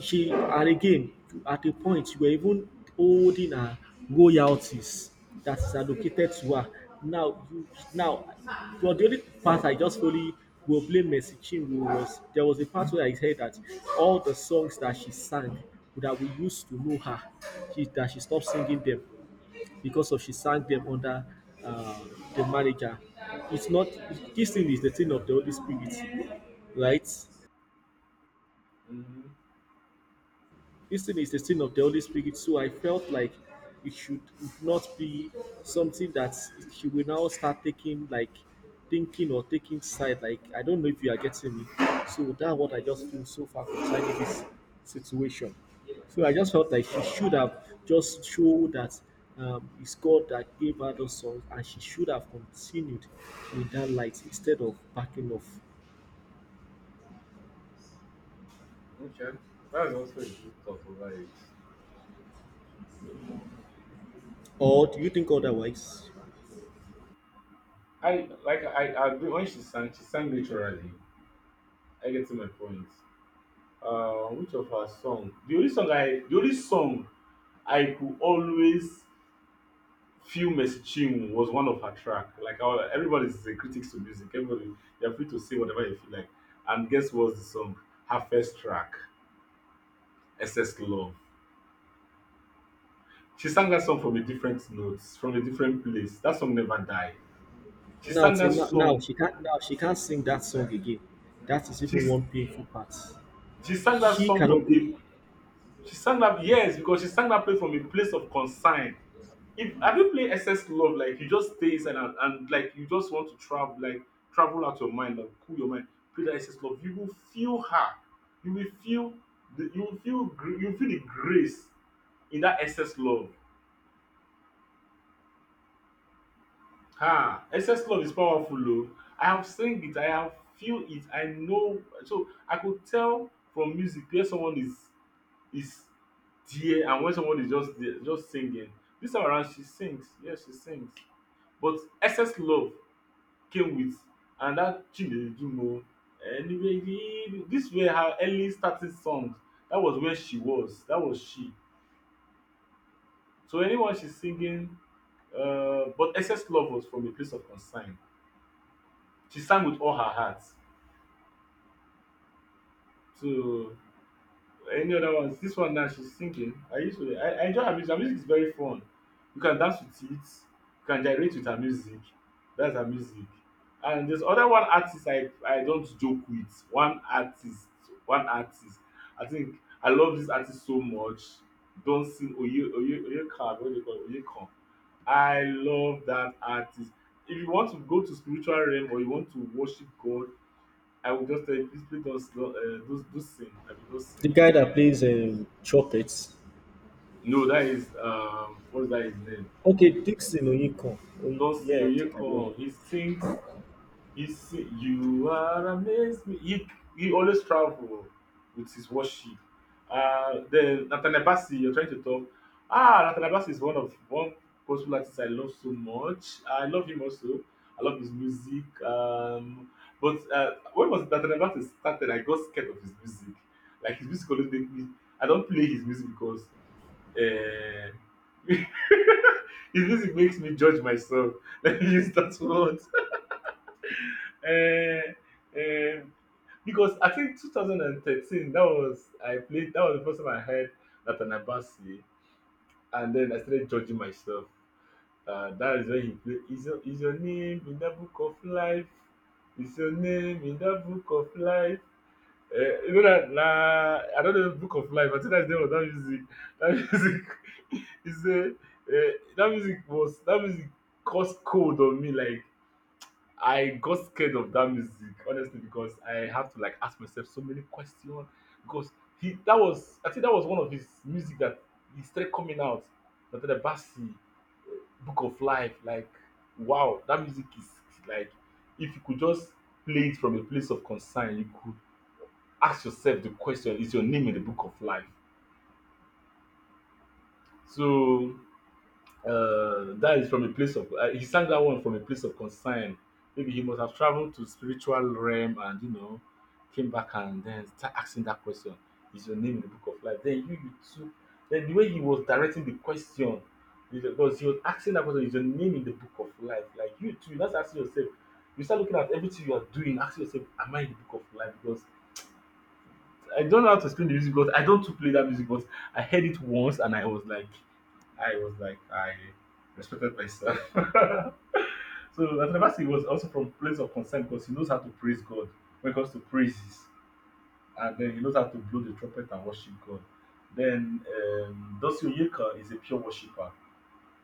Speaker 1: she and again, at a point, you were even holding her royalties that is allocated to her. Now, you, now, for the only part I just fully will blame Mercy Chinwo was there was a part where I heard that all the songs that she sang that we used to know her, she, that she stopped singing them because of she sang them under uh, the manager. It's not This thing is the thing of the Holy Spirit, right?
Speaker 2: Mhm.
Speaker 1: Eating is a sin of the Holy Spirit, so I felt like it should not be something that she will now start taking, like thinking or taking side. Like, I don't know if you are getting me. So that's what I just feel so far concerning this situation. So I just felt like she should have just showed that um, it's God that gave her those songs, and she should have continued with that light instead of backing off.
Speaker 2: Okay, that's also a good thought over it.
Speaker 1: Or do you think otherwise?
Speaker 2: I like I I agree when she sang, she sang naturally. I get to my point. Uh, which of her song? The only song I the only song I could always feel messaging was one of her track. Like our, everybody's a critics to music. Everybody they're free to say whatever they feel like. And guess what's the song? Her first track, S S Love. She sang that song from a different notes, from a different place. That song never died. She
Speaker 1: Now,
Speaker 2: sang that
Speaker 1: till now, now
Speaker 2: song.
Speaker 1: she can't. Now she can't sing that song again. That is
Speaker 2: She
Speaker 1: even one painful part.
Speaker 2: She sang that
Speaker 1: She
Speaker 2: song from
Speaker 1: cannot go.
Speaker 2: a she sang that, yes, because she sang that play from a place of concern. If have you played S S Love, like you just stay inside and, and like you just want to travel, like travel out your mind, like cool your mind, play that S S Love, you will feel her. You will feel the, you will feel gr- you will feel the grace in that S S Love. Ah, excess love is powerful o. I have seen it, I have feel it, I know. So I could tell from music where someone is is there, and when someone is just there just singing. This time around she sings, yes, she sings, but excess love came with, and that chinedumo. Anyway, you, this were her early starting songs. That was where she was, that was she. So anyone she's singing, uh, but excess love was from a place of concern. She sang with all her heart. So any other ones? This one now she's singing, I used to. I, I enjoy her music. Her music is very fun. You can dance with it. You can gyrate with her music. That's her music. And there's other one artist I I don't joke with. One artist. One artist. I think I love this artist so much. Don't sing Oye Oye Oyekan. What do you call it? Oyekan. I love that artist. If you want to go to spiritual realm or you want to worship God, I will just tell you, please play those, uh, those, those sing. I mean, those sing.
Speaker 1: The guy that plays um, trumpets.
Speaker 2: No, that is um, what's that his name?
Speaker 1: Okay, Dixon Oyinkan. Oy-
Speaker 2: Dustin
Speaker 1: Yeah, I think I know
Speaker 2: Oyekan.
Speaker 1: him.
Speaker 2: He sings. He sing, You are amazing. He he always travel with his worship. Uh, then Nathaniel Bassey, you're trying to talk. Ah, Nathaniel Bassey is one of one gospel artist I love so much. I love him also. I love his music. Um, but uh, when was it Nathaniel Bassey started? I got scared of his music. Like his music always make me. I don't play his music because. Uh, *laughs* His music makes me judge myself. *laughs* Let me use that word. *laughs* Eh, eh, because I think twenty thirteen, that was I played. That was the first time I heard Nathaniel Bassey, and then I started judging myself. Uh, that is when he played. Is your, is your name in the book of life? Is your name in the book of life? Uh, you know that nah, I don't know the book of life. I think that's the name of that music. That music *laughs* is a uh, that music was that music caused cold on me, like I got scared of that music honestly, because I have to like ask myself so many questions, because he that was, I think, that was one of his music that he started coming out. Natalie the uh, Book of Life, like wow, that music is like if you could just play it from a place of concern, you could ask yourself the question, is your name in the book of life? So Uh, that is from a place of uh, he sang that one from a place of concern. Maybe he must have traveled to spiritual realm and you know came back and then start asking that question. Is your name in the book of life? Then you you took, then the way he was directing the question is because he was asking that question, is your name in the book of life? Like you too, that's asking yourself. You start looking at everything you are doing, asking yourself, am I in the book of life? Because I don't know how to explain the music, because I don't too play that music, but I heard it once, and I was like I was like, I respected myself. *laughs* So Natanabasi was also from place of concern, because he knows how to praise God when it comes to praises, and then he knows how to blow the trumpet and worship God. Then um, Dosi Oyeka is a pure worshipper.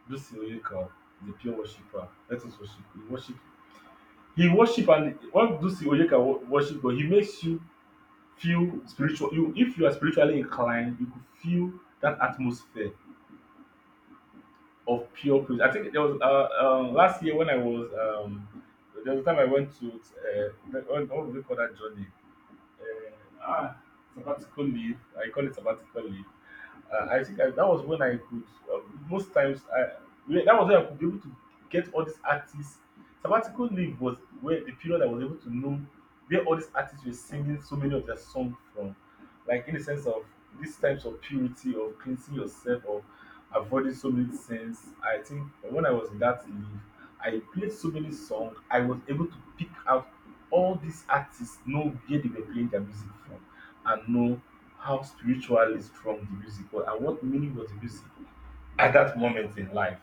Speaker 2: Dosi Oyeka is a pure worshipper. Let us worship. He worship. He worship, and when Dosi Oyeka wo- worship God, he makes you feel spiritual. You, if you are spiritually inclined, you could feel that atmosphere of pure praise. I think there was uh, um, last year when I was um, there was a time I went to uh, what, what do we call that journey? Uh, ah, sabbatical leave. I call it sabbatical leave. Uh, I think I, that was when I could uh, most times I when- that was when I could be able to get all these artists. Sabbatical leave was where the period I was able to know where all these artists were singing so many of their songs from, like in the sense of these types of purity of cleansing yourself of avoiding so many sins. I think when I was in that leave, I played so many songs. I was able to pick out all these artists, know where they were playing their music from, and know how spiritually strong the music was and what meaning was the music at that moment in life.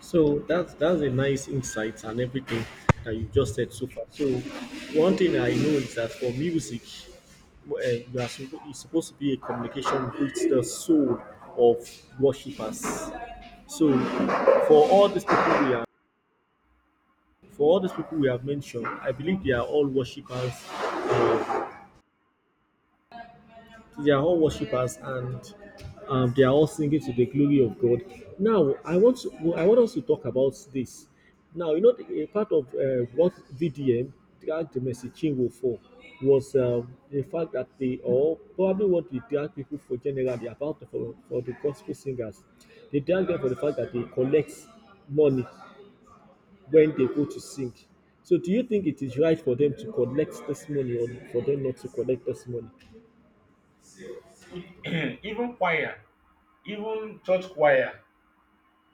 Speaker 1: So that's that's a nice insight and everything that you just said so far. So one thing I know is that for music, uh, you are suppo- it's supposed to be a communication with the soul of worshippers. So for all these people we are for all these people we have mentioned, I believe they are all worshippers. um, they are all worshippers, and um, they are all singing to the glory of God. Now, I want to, I want us to talk about this. Now, you know, a part of uh, what V D M drag the messaging were for was um, the fact that they all probably what they drag people for generally about for, for the gospel singers. They drag them for the fact that they collect money when they go to sing. So, do you think it is right for them to collect this money or for them not to collect this money?
Speaker 2: *clears throat* Even choir, even church choir,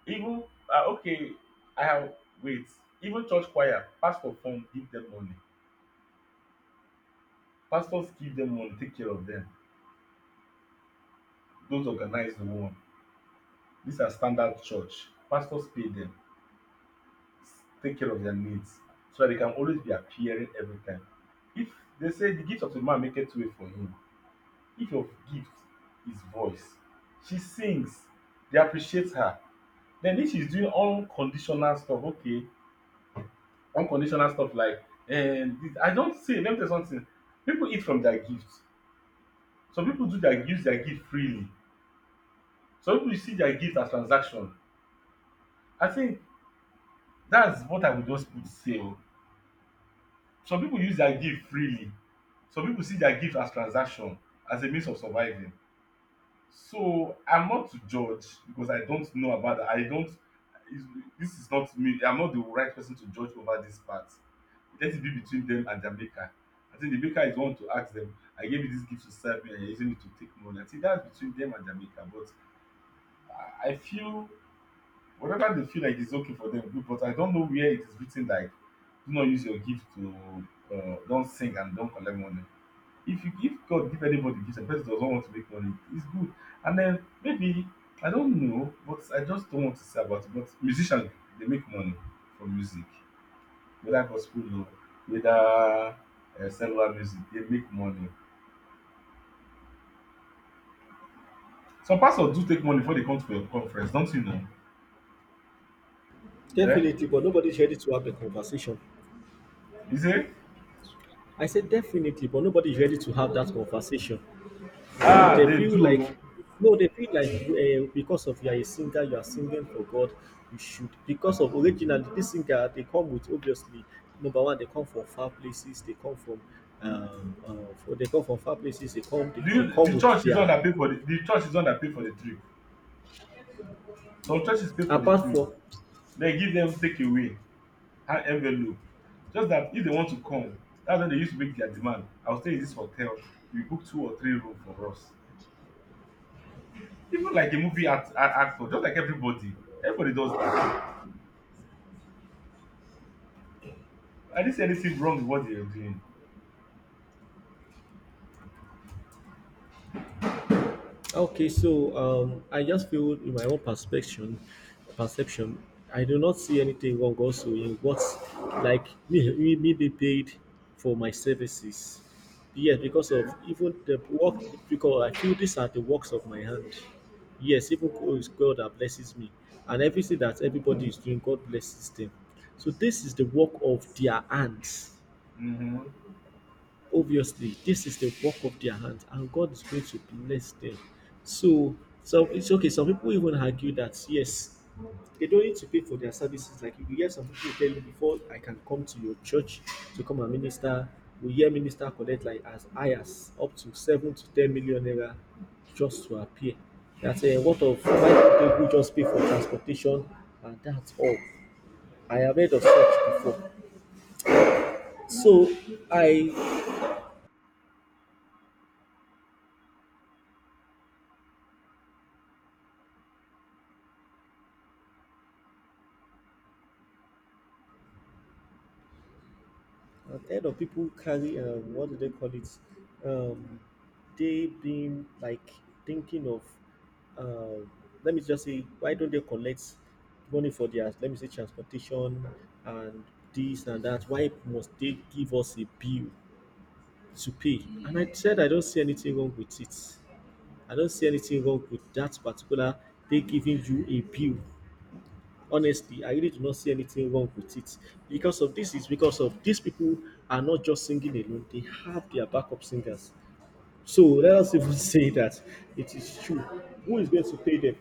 Speaker 2: even uh, okay, I have wait, even church choir, pastor form give them money. Pastors give them money, take care of them. Those organize the one. These are standard church. Pastors pay them, take care of their needs, so that they can always be appearing every time. If they say the gift of the man make it way for him, if your gift is voice, she sings, they appreciate her. Then if she's doing unconditional stuff, okay, unconditional stuff like and this, I don't say, let me tell you something: people eat from their gift. Some people do, their use their gift freely. Some people see their gift as transaction. I think that's what I would just put, say o, some people use their gift freely, some people see their gift as transaction, as a means of surviving. So I'm not to judge because I don't know about that. I don't is This is not me. I'm not the right person to judge over this part. Let it be between them and their maker. I think the maker is the one to ask them, I gave you this gift to serve me and you're using it to take money. I think that's between them and their maker. But I I feel whatever they feel like is okay for them, good. But I don't know where it is written like, do not use your gift to uh, don't sing and don't collect money. If you give God give anybody gift and the person does not want to make money, it's good. And then maybe I don't know, but I just don't want to say about it. But musicians, they make money from music, whether gospel or whether uh, secular music, they make money. Some pastors do take money before they come to your conference, don't you know? Eh?
Speaker 1: Definitely, but nobody's ready to have the conversation.
Speaker 2: You say,
Speaker 1: I said definitely, but nobody's ready to have that conversation.
Speaker 2: ah,
Speaker 1: They
Speaker 2: they
Speaker 1: feel
Speaker 2: do.
Speaker 1: like, no, They feel like, uh, because of you are a singer, you are singing for God, you should. Because of originally, this singer, they come with obviously, number one, they come from far places, they come from, um, uh, for, they come from far places, they come, they,
Speaker 2: Do you,
Speaker 1: they come
Speaker 2: the
Speaker 1: with
Speaker 2: church is not
Speaker 1: their,
Speaker 2: that pay for the, the church is not that pay for the trip. Some churches pay for the
Speaker 1: apart
Speaker 2: trip.
Speaker 1: from.
Speaker 2: They give them take away. High envelope. Just that if they want to come, that's when they used to make their demand. I'll stay in this hotel. You book two or three rooms for us. Even like a movie act, a- actor, just like everybody, everybody does that. I didn't see anything wrong with what they are doing.
Speaker 1: Okay, so um, I just feel in my own perception, perception, I do not see anything wrong also in what, like me, me, me be paid for my services. Yes, because of
Speaker 2: Okay.
Speaker 1: even the work, because I feel these are the works of my hand. Yes, even God is God that blesses me, and everything that everybody is doing, God blesses them. So this is the work of their hands.
Speaker 2: Mm-hmm.
Speaker 1: Obviously, this is the work of their hands, and God is going to bless them. So, so it's okay. Some people even argue that yes, they don't need to pay for their services. Like you hear some people tell you before I can come to your church to come and minister. We hear minister collect like as high as up to seven to ten million naira just to appear. That's a what of five people who just pay for transportation and that's all. I have heard of such before. So I I've heard of people carry um, what do they call it? Um, they been like thinking of, uh, let me just say, why don't they collect money for their, let me say, transportation and this and that? Why must they give us a bill to pay? And I said I don't see anything wrong with it. I don't see anything wrong with that particular. They giving you a bill, honestly, I really do not see anything wrong with it, because of this is because of these people are not just singing alone, they have their backup singers. So let us even *laughs* say that it is true, who is going to pay them?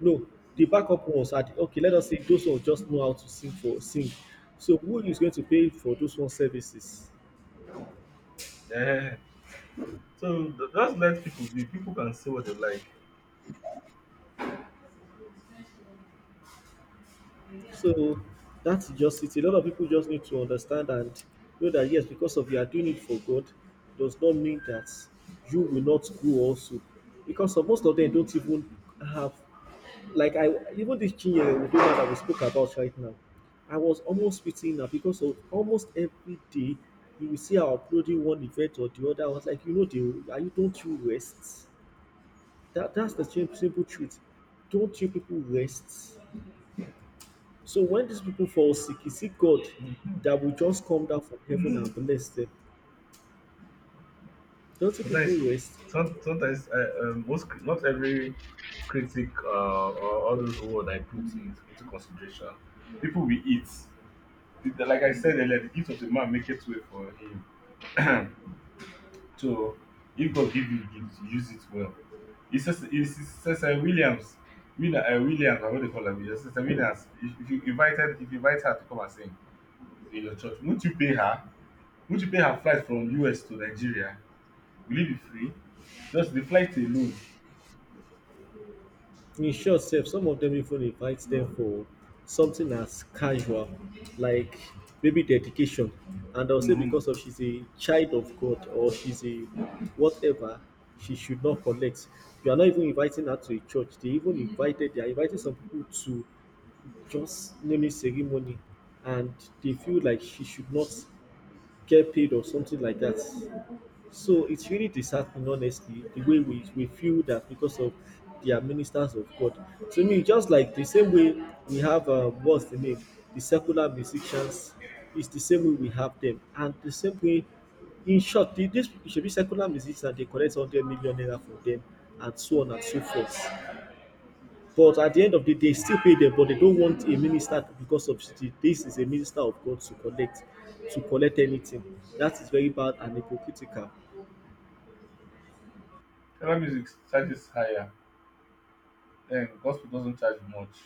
Speaker 1: No, the backup ones are the, okay, let us say those ones just know how to sing for sing, so who is going to pay for those one services?
Speaker 2: Yeah. So th- just let people be. People can say what they like.
Speaker 1: So that's just it. A lot of people just need to understand and know that yes, because of you are doing it for God, does not mean that you will not go also. Because of most of them don't even have, like I, even this Chinyere Udoma that we spoke about right now, I was almost fitting now because of almost every day you will see her uploading one event or the other. I was like, you know, the are you, don't you rest? That that's the sim- simple truth. Don't you people rest? So when these people fall sick, is it God
Speaker 2: Mm-hmm.
Speaker 1: that will just come down from heaven
Speaker 2: Mm-hmm.
Speaker 1: and bless them? Don't you
Speaker 2: Sometimes,
Speaker 1: people waste?
Speaker 2: some, sometimes I, um, most cri- not every critic uh, or all those words I put in, into consideration. People will eat. It, like I said earlier, the gift of a man maketh way for him. So if God give you gift, use it well. He says, he says uh, Williams, Will, uh, Williams, I what they call her, Williams, Sister Williams, if, if you invited, if you invite her to come and sing in your church, won't you pay her? Won't you pay her flight from U S to Nigeria? Will it be free? Just the flight alone.
Speaker 1: In short, sef, some of them even invite them for something as casual, like maybe dedication. And they'll say
Speaker 2: Mm-hmm.
Speaker 1: because of she's a child of God or she's a whatever, she should not collect. You are not even inviting her to a church. They even invited, they are inviting some people to just naming ceremony and they feel like she should not get paid or something like that. So it's really disheartening, honestly, the way we, we feel that because of they are ministers of God. To me, just like the same way we have, uh, what's the name, the secular musicians, it's the same way we have them. And the same way, in short, the, this it should be secular musicians, they collect one hundred million naira from them, and so on and so forth. But at the end of the day, still pay them, but they don't want a minister to, because of the, this is a minister of God to collect, to collect anything. That is very bad and hypocritical.
Speaker 2: Travel music charges higher, and gospel doesn't charge much.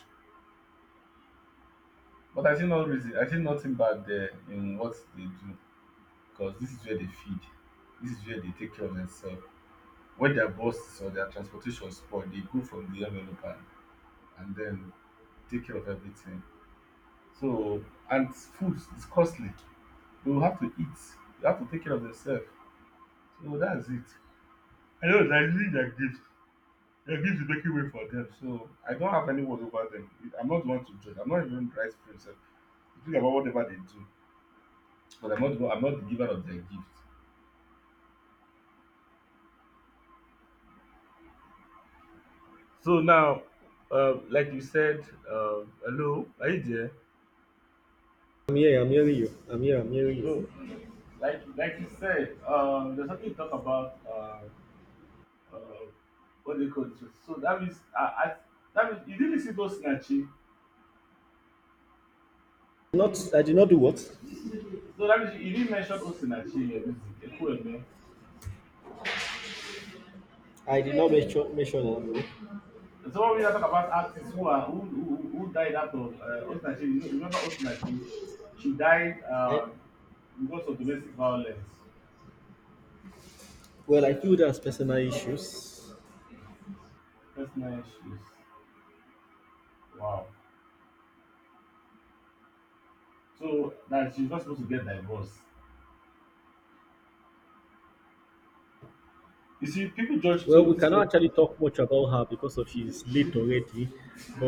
Speaker 2: But I see no reason, I see nothing bad there in what they do, because this is where they feed, this is where they take care of themselves. When their buses or their transportation spoil, they go from the envelope and, and then take care of everything. So and food is costly. They will have to eat. They have to take care of themselves. So that's it. I know that using their gifts. Their gifts is making way for them. So I don't have any word over them. I'm not the one to judge. I'm not even right for myself. Think about whatever they do. But I'm not the one- I'm not the giver of their gifts. So now, uh, like you said, uh, hello, are you there?
Speaker 1: I'm here, I'm hearing you. I'm here, I'm hearing you.
Speaker 2: No, like like you said, um, there's something you talk about. Uh, uh, what do you call it? So that means I, I that means you didn't see Osinachi.
Speaker 1: Not, I did not do what?
Speaker 2: So that means you didn't mention Osinachi in your music. Ekwueme.
Speaker 1: I did not mention mention that.
Speaker 2: And So when we now talk about artists who are who who, who who died out of uh, Osinachi, you know, remember Osinachi? She died
Speaker 1: I
Speaker 2: um, because of domestic violence,
Speaker 1: Well, I feel that's personal issues.
Speaker 2: personal issues. Wow. So that she's not supposed to get divorced. You see, people judge, so
Speaker 1: Well, we
Speaker 2: this
Speaker 1: cannot
Speaker 2: could
Speaker 1: actually talk much about her because of she's late already.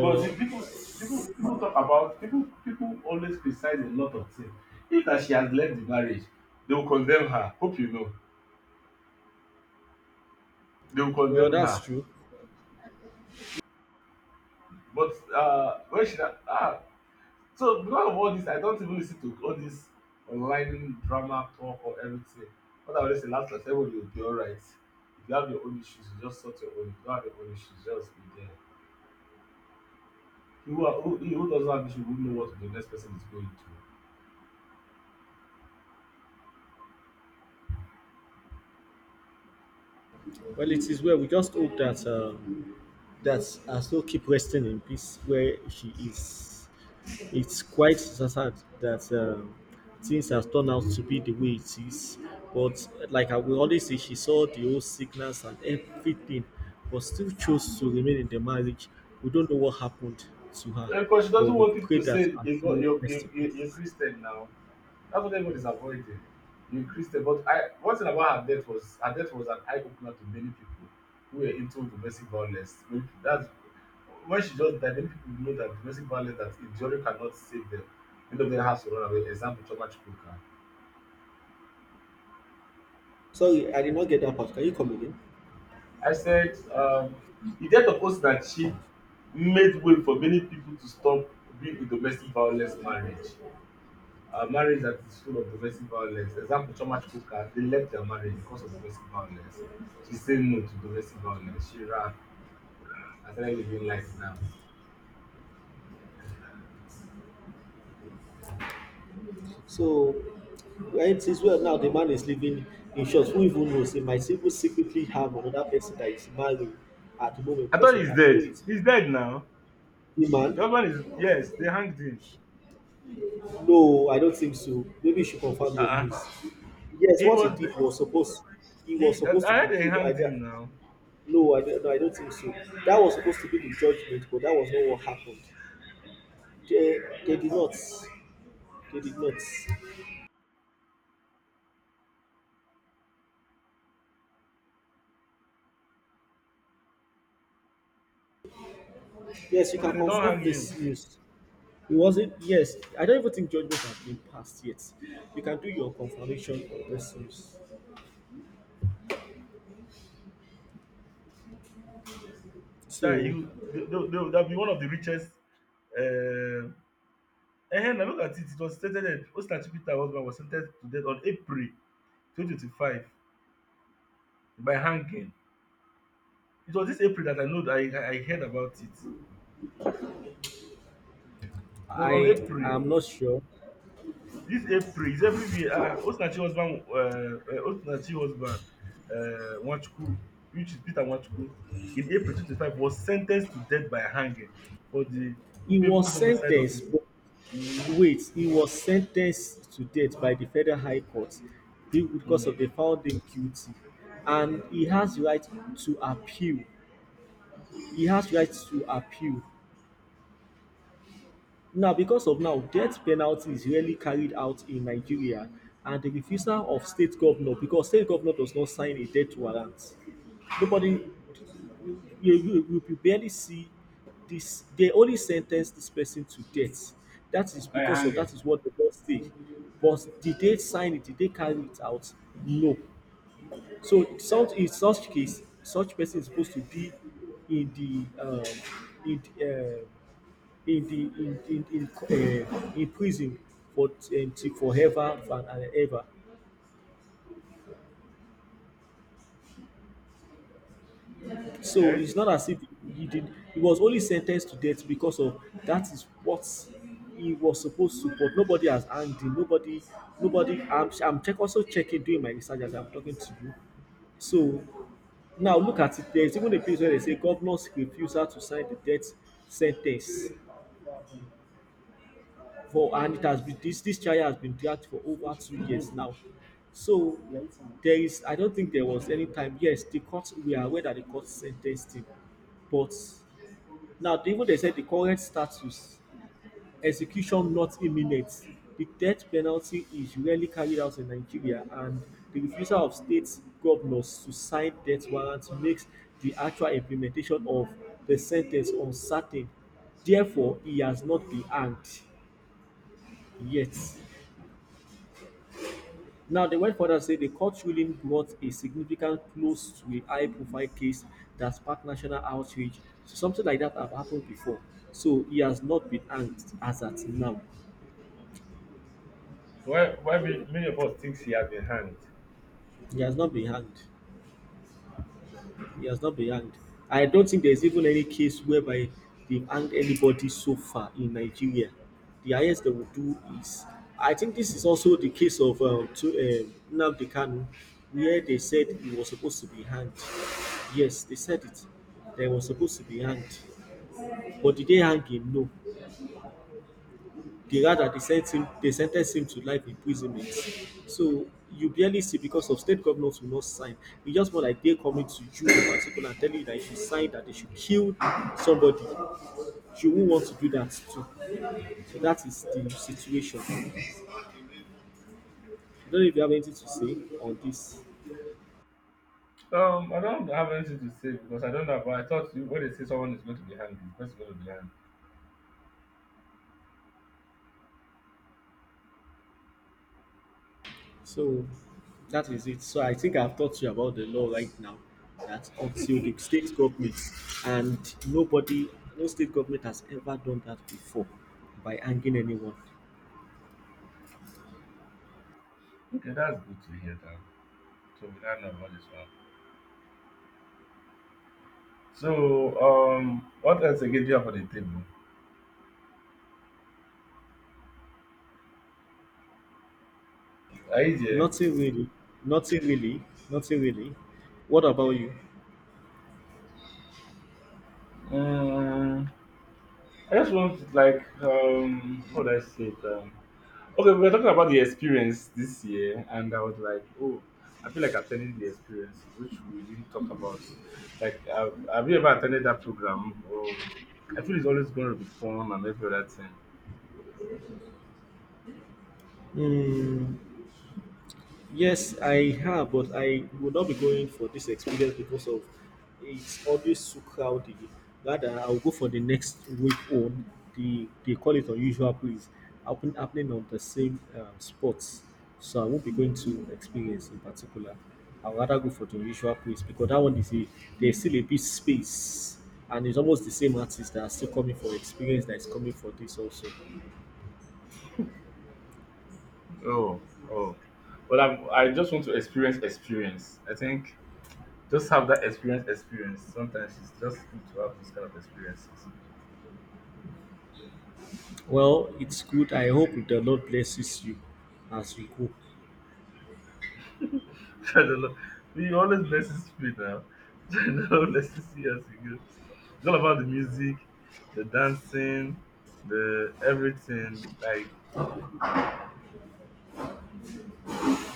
Speaker 2: but the people people people talk about people people always criticize a lot of things. If that she has left the marriage, they will condemn her. Hope you know. They will
Speaker 1: well,
Speaker 2: condemn
Speaker 1: that's
Speaker 2: her.
Speaker 1: true.
Speaker 2: But uh when she na- ah So because of all this, I don't even listen to all this online drama talk or everything. What I always say, last last everybody will be alright. If you have your own issues, you just sort your own. If you don't have your own issues, just be there. Who, are, who, who doesn't have issue, who know what the next person is going to?
Speaker 1: Well, it is well. We just hope that um, that Aso keep resting in peace where she is. It's quite sad that um, things have turned out to be the way it is. But like I will always say, she saw the whole sickness and everything, but still chose to remain in the marriage. We don't know what happened to her,
Speaker 2: Yeah, Because she
Speaker 1: but
Speaker 2: doesn't
Speaker 1: we
Speaker 2: want
Speaker 1: pray
Speaker 2: people to
Speaker 1: that
Speaker 2: say
Speaker 1: her
Speaker 2: you got
Speaker 1: soul
Speaker 2: you
Speaker 1: rest
Speaker 2: you
Speaker 1: in
Speaker 2: you you're
Speaker 1: peace.
Speaker 2: Christian now. That's what everyone is avoiding. You're Christian, but I one thing about her death was her death was an eye opener to many people who were into domestic violence. Many people- That's when she just died. Many people know that domestic violence, that injury cannot save them. Many of them has to run away. Example, Choma Chukwuka.
Speaker 1: Sorry, I did not get that part. Can you come again?
Speaker 2: I said, um, the death of Osinachi made way for many people to stop being in domestic violence marriage. A marriage that is full of domestic violence. Example, Choma Chukwuka, they left their marriage because of domestic violence. She said no to domestic violence. She ran and started living life now.
Speaker 1: So, right, since, well, now the man is living, in short, who even knows? He might even secretly have another person that is married at the moment
Speaker 2: I
Speaker 1: because
Speaker 2: thought
Speaker 1: of
Speaker 2: he's
Speaker 1: I
Speaker 2: dead.
Speaker 1: know it's
Speaker 2: He's dead now.
Speaker 1: the
Speaker 2: The other one
Speaker 1: man.
Speaker 2: is, yes, they hanged him.
Speaker 1: No, I don't think so. Maybe you should confirm your
Speaker 2: Uh-uh.
Speaker 1: news. Yes,
Speaker 2: He
Speaker 1: what he
Speaker 2: was, the,
Speaker 1: did was supposed, he was
Speaker 2: he, I
Speaker 1: supposed to
Speaker 2: I
Speaker 1: be
Speaker 2: heard they
Speaker 1: killed. I
Speaker 2: hanged
Speaker 1: don't-
Speaker 2: him now.
Speaker 1: no, I don't, No, I don't think so. That was supposed to be the judgment, but that was not what happened. They, they did not. They did not. Yes, you
Speaker 2: Okay,
Speaker 1: can
Speaker 2: they don't hang
Speaker 1: confirm
Speaker 2: him.
Speaker 1: this news. It wasn't. Yes, I don't even think judgment has been passed yet. You can do your confirmation of this news.
Speaker 2: Chai,
Speaker 1: So
Speaker 2: you, they, they, they, that'll be one of the richest, uh, Ehen, now look at it, it was stated that Osita Chibita, her husband, was sentenced to death on April twenty twenty five by hanging. It was this April that I know, that I I heard about it. It was on
Speaker 1: I
Speaker 2: April.
Speaker 1: am not sure.
Speaker 2: This April is everywhere. Ah, Osinachi husband um Osinachi husband um Nwachukwu, which is Peter Nwachukwu, in April 25 was sentenced to death by hanging for the
Speaker 1: He
Speaker 2: culpable
Speaker 1: was
Speaker 2: homicide of his.
Speaker 1: sentenced, but,
Speaker 2: Mhm.
Speaker 1: wait, he was sentenced to death by the Federal High Court be- because
Speaker 2: Mm.
Speaker 1: of they found him guilty, and he has right to appeal. He has right to appeal. Now, because of now, death penalty is rarely carried out in Nigeria and the refusal of state governor, because state governor does not sign a death warrant. Nobody, you, you, you you barely see this. They only sentence this person to death. That is
Speaker 2: By
Speaker 1: because of
Speaker 2: hanging.
Speaker 1: that is what the law say. But did they sign it? Did they carry it out? No. So such in such case, such person is supposed to be in the, um, in the, um in the, in in in, uh, in prison for, um, till forever and, and ever. So
Speaker 2: Okay.
Speaker 1: it's not as if he did. He was only sentenced to death because of that is what he was supposed to. But nobody has hanged him. Nobody, nobody. I'm I'm check also checking, doing my research as I'm talking to you. So now look at it. There's even a place where they say governors refusal to sign the death sentence for, and it has been this this trial has been dragged for over two years now. So there is, I don't think there was any time. Yes, the court, we are aware that the court sentenced him, but now they, even they said the current status, execution not imminent. The death penalty is rarely carried out in Nigeria, and the refusal of state governors to sign death warrants makes the actual implementation of the sentence uncertain. Therefore, he has not been hanged yet. Now, they went further to say the court ruling brought a significant close to a high profile case that sparked national outrage. So something like that have happened before. So he has not been hanged as at now.
Speaker 2: So why why many many of us thinks he has been hanged?
Speaker 1: He has not been hanged. He has not been hanged. I don't think there's even any case whereby they've hanged anybody so far in Nigeria. The highest they will do is, I think this is also the case of uh, to, um Nnamdi Kanu, where they said he was supposed to be hanged. Yes, they said it. They were supposed to be hanged. But did they hang him? No. The rather they sent him they sentenced him to life imprisonment. So you barely see because of state governors will not sign. It's just more like they're coming to you in particular and telling you that you should sign that they should kill somebody. You won't want to do that too. So that is the situation. I don't know if you have anything to say on this.
Speaker 2: Um, I don't have anything to say because I don't know. But I thought you- when they say someone is going to be hungry, the person is going to be hungry.
Speaker 1: So that is it. So I think I've talked to you about the law right now. That until the state government and nobody, no state government has ever done that before by hanging anyone.
Speaker 2: Okay, that's good to hear that. So we now know about this one. So, um, what else again do you have on the table? Are you there?
Speaker 1: Nothing really. Nothing really. Nothing really. What about you?
Speaker 2: Mm, I just want, like, um, how do I say it? Um, okay, we were talking about the experience this year, and I was like, oh, I feel like attending the experience, which we didn't talk about. Like, have, have you ever attended that program? Or I feel it's always going to be fun and every other thing.
Speaker 1: Hmm. Yes, I have, but I would not be going for this experience because of it's always so crowded. Rather, I'll go for the next week on. The they call it unusual place, happen, happening on the same um, spots. So I won't be going to experience in particular. I will rather go for the unusual place because that one is a there's still a bit space, and it's almost the same artists that are still coming for experience that is coming for this also.
Speaker 2: Oh, oh. Well, I'm, I just want to experience experience. I think just have that experience experience. Sometimes it's just good to have those kind of experiences.
Speaker 1: Well, it's good. I hope the Lord blesses you as you go.
Speaker 2: *laughs* I don't know. You always blesses me now. *laughs* I don't know. Let's see how it It's all about the music, the dancing, the everything, like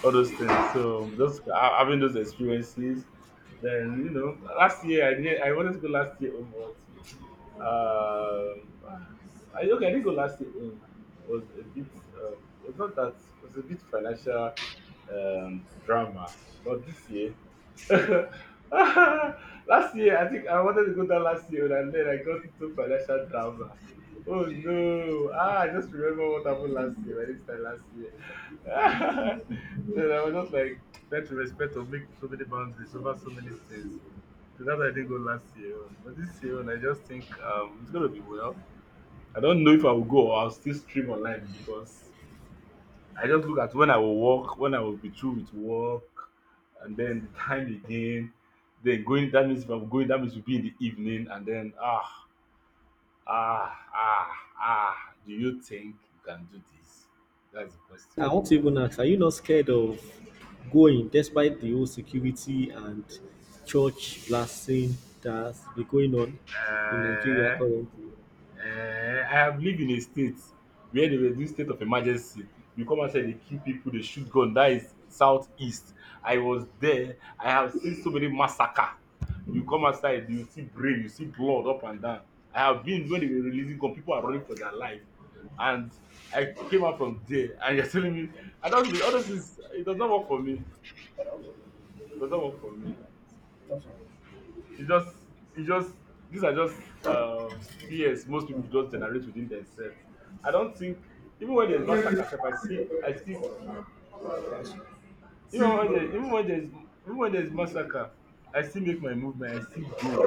Speaker 2: all those things. So just ha- having those experiences. Then you know, last year I did. I wanted to go last year. Oh, Um, I Okay. I think Olase um, was a bit, um, was not that, was a bit financial, um, drama, but this year, *laughs* last year I think I wanted to go down last year, and then I got into financial drama. Oh no! Ah, I just remember what happened last year. By this time last year, *laughs* then I was just like trying to respect or make so many boundaries over so many things. So that's why I didn't go last year. On. But this year, on, I just think, um, it's gonna be well. I don't know if I will go or I'll still stream online, because I just look at when I will work, when I will be through with work, and then the time again. Then going, that means if I'm going, that means will be in the evening, and then ah ah ah ah. Do you think you can do this? That's the question.
Speaker 1: I want to even ask, are you not scared of going despite the whole security and church blasting that's been going on in Nigeria
Speaker 2: Eh?
Speaker 1: currently?
Speaker 2: um I have lived in a state where they were doing state of emergency. You come outside, they kill people, they shoot gun. That is southeast. I was there, I have seen so many massacre. You come outside you see brain, you see blood up and down. I have been when they were releasing gun, people are running for their life, and I came out from there and *laughs* you are telling me I don all those things. It does not work for me, it does not work for me. It's just, it's just, these are just, um, fears most people just generate within themselves. I don't think even when there's massacre, sef, I still, I still, even when there, even when there's, even when there's massacre, I still make my movement. I still go.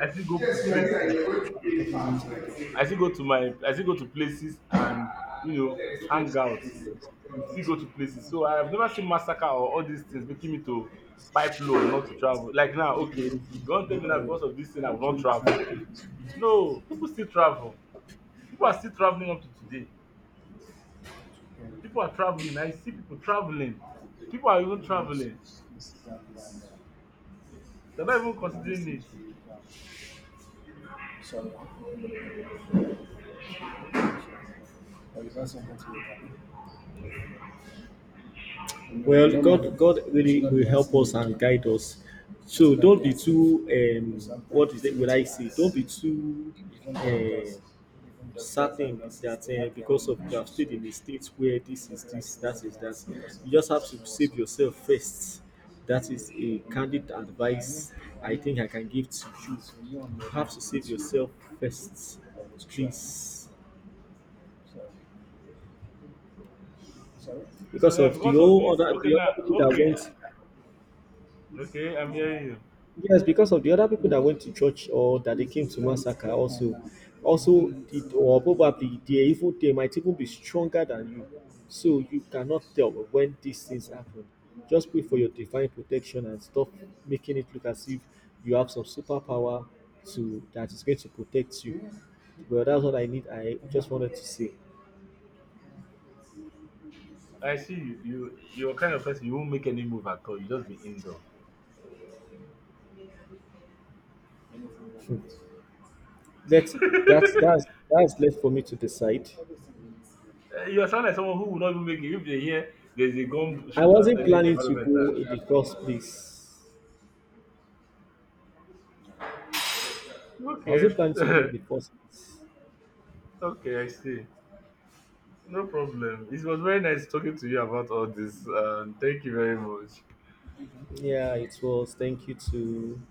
Speaker 2: I still go to
Speaker 1: Yes, we are aware
Speaker 2: places.
Speaker 1: you are going to be in fans, like,
Speaker 2: I still go
Speaker 1: and
Speaker 2: to my, I still go to places and you know
Speaker 1: there is always
Speaker 2: hang out.
Speaker 1: criticism.
Speaker 2: Still go to places. So I have never seen massacre or all these things making me to pipe low, not to travel. Like now, okay, you want to tell me now because of this thing I will not travel. No, people still travel. People are still traveling up to today. People are traveling. I see people traveling. People are even traveling. They're not even considering it.
Speaker 1: Sorry, there is also something to it. Well, God, God really will help us and guide us. So don't be too, um, what is it? Will I say? Don't be too uh, certain that uh, because of you have stayed in a state where this is this, that is that. You just have to save yourself first. That is a candid advice I think I can give to you. You have to save yourself first, please.
Speaker 2: So
Speaker 1: Because
Speaker 2: now
Speaker 1: of the
Speaker 2: because of
Speaker 1: whole
Speaker 2: this,
Speaker 1: other,
Speaker 2: okay
Speaker 1: the
Speaker 2: now,
Speaker 1: other people
Speaker 2: okay,
Speaker 1: that
Speaker 2: okay, I'm
Speaker 1: went.
Speaker 2: hearing you.
Speaker 1: Yes, because of the other people that went to church or that they came to massacre also, also it, or probably they even they might even be stronger than you. So you cannot tell when these things happen. Just pray for your divine protection and stop making it look as if you have some superpower to that is going to protect you. Well, that's what I need. I just wanted to say.
Speaker 2: I see you. You you're kind of person you won't make any move at all. You just be indoor.
Speaker 1: Hmm. Let that's
Speaker 2: *laughs*
Speaker 1: that's that's left for me to decide.
Speaker 2: Uh, you are sound like someone who will not even make it if they hear there's a gun
Speaker 1: I
Speaker 2: shoot at
Speaker 1: wasn't
Speaker 2: any
Speaker 1: planning to
Speaker 2: environment
Speaker 1: go in the first place.
Speaker 2: now.
Speaker 1: I was even planning to go
Speaker 2: Okay.
Speaker 1: before six.
Speaker 2: *laughs* okay, I see. No problem. It was very nice talking to you about all this. Um, thank you very much.
Speaker 1: Yeah, it was. Thank you to.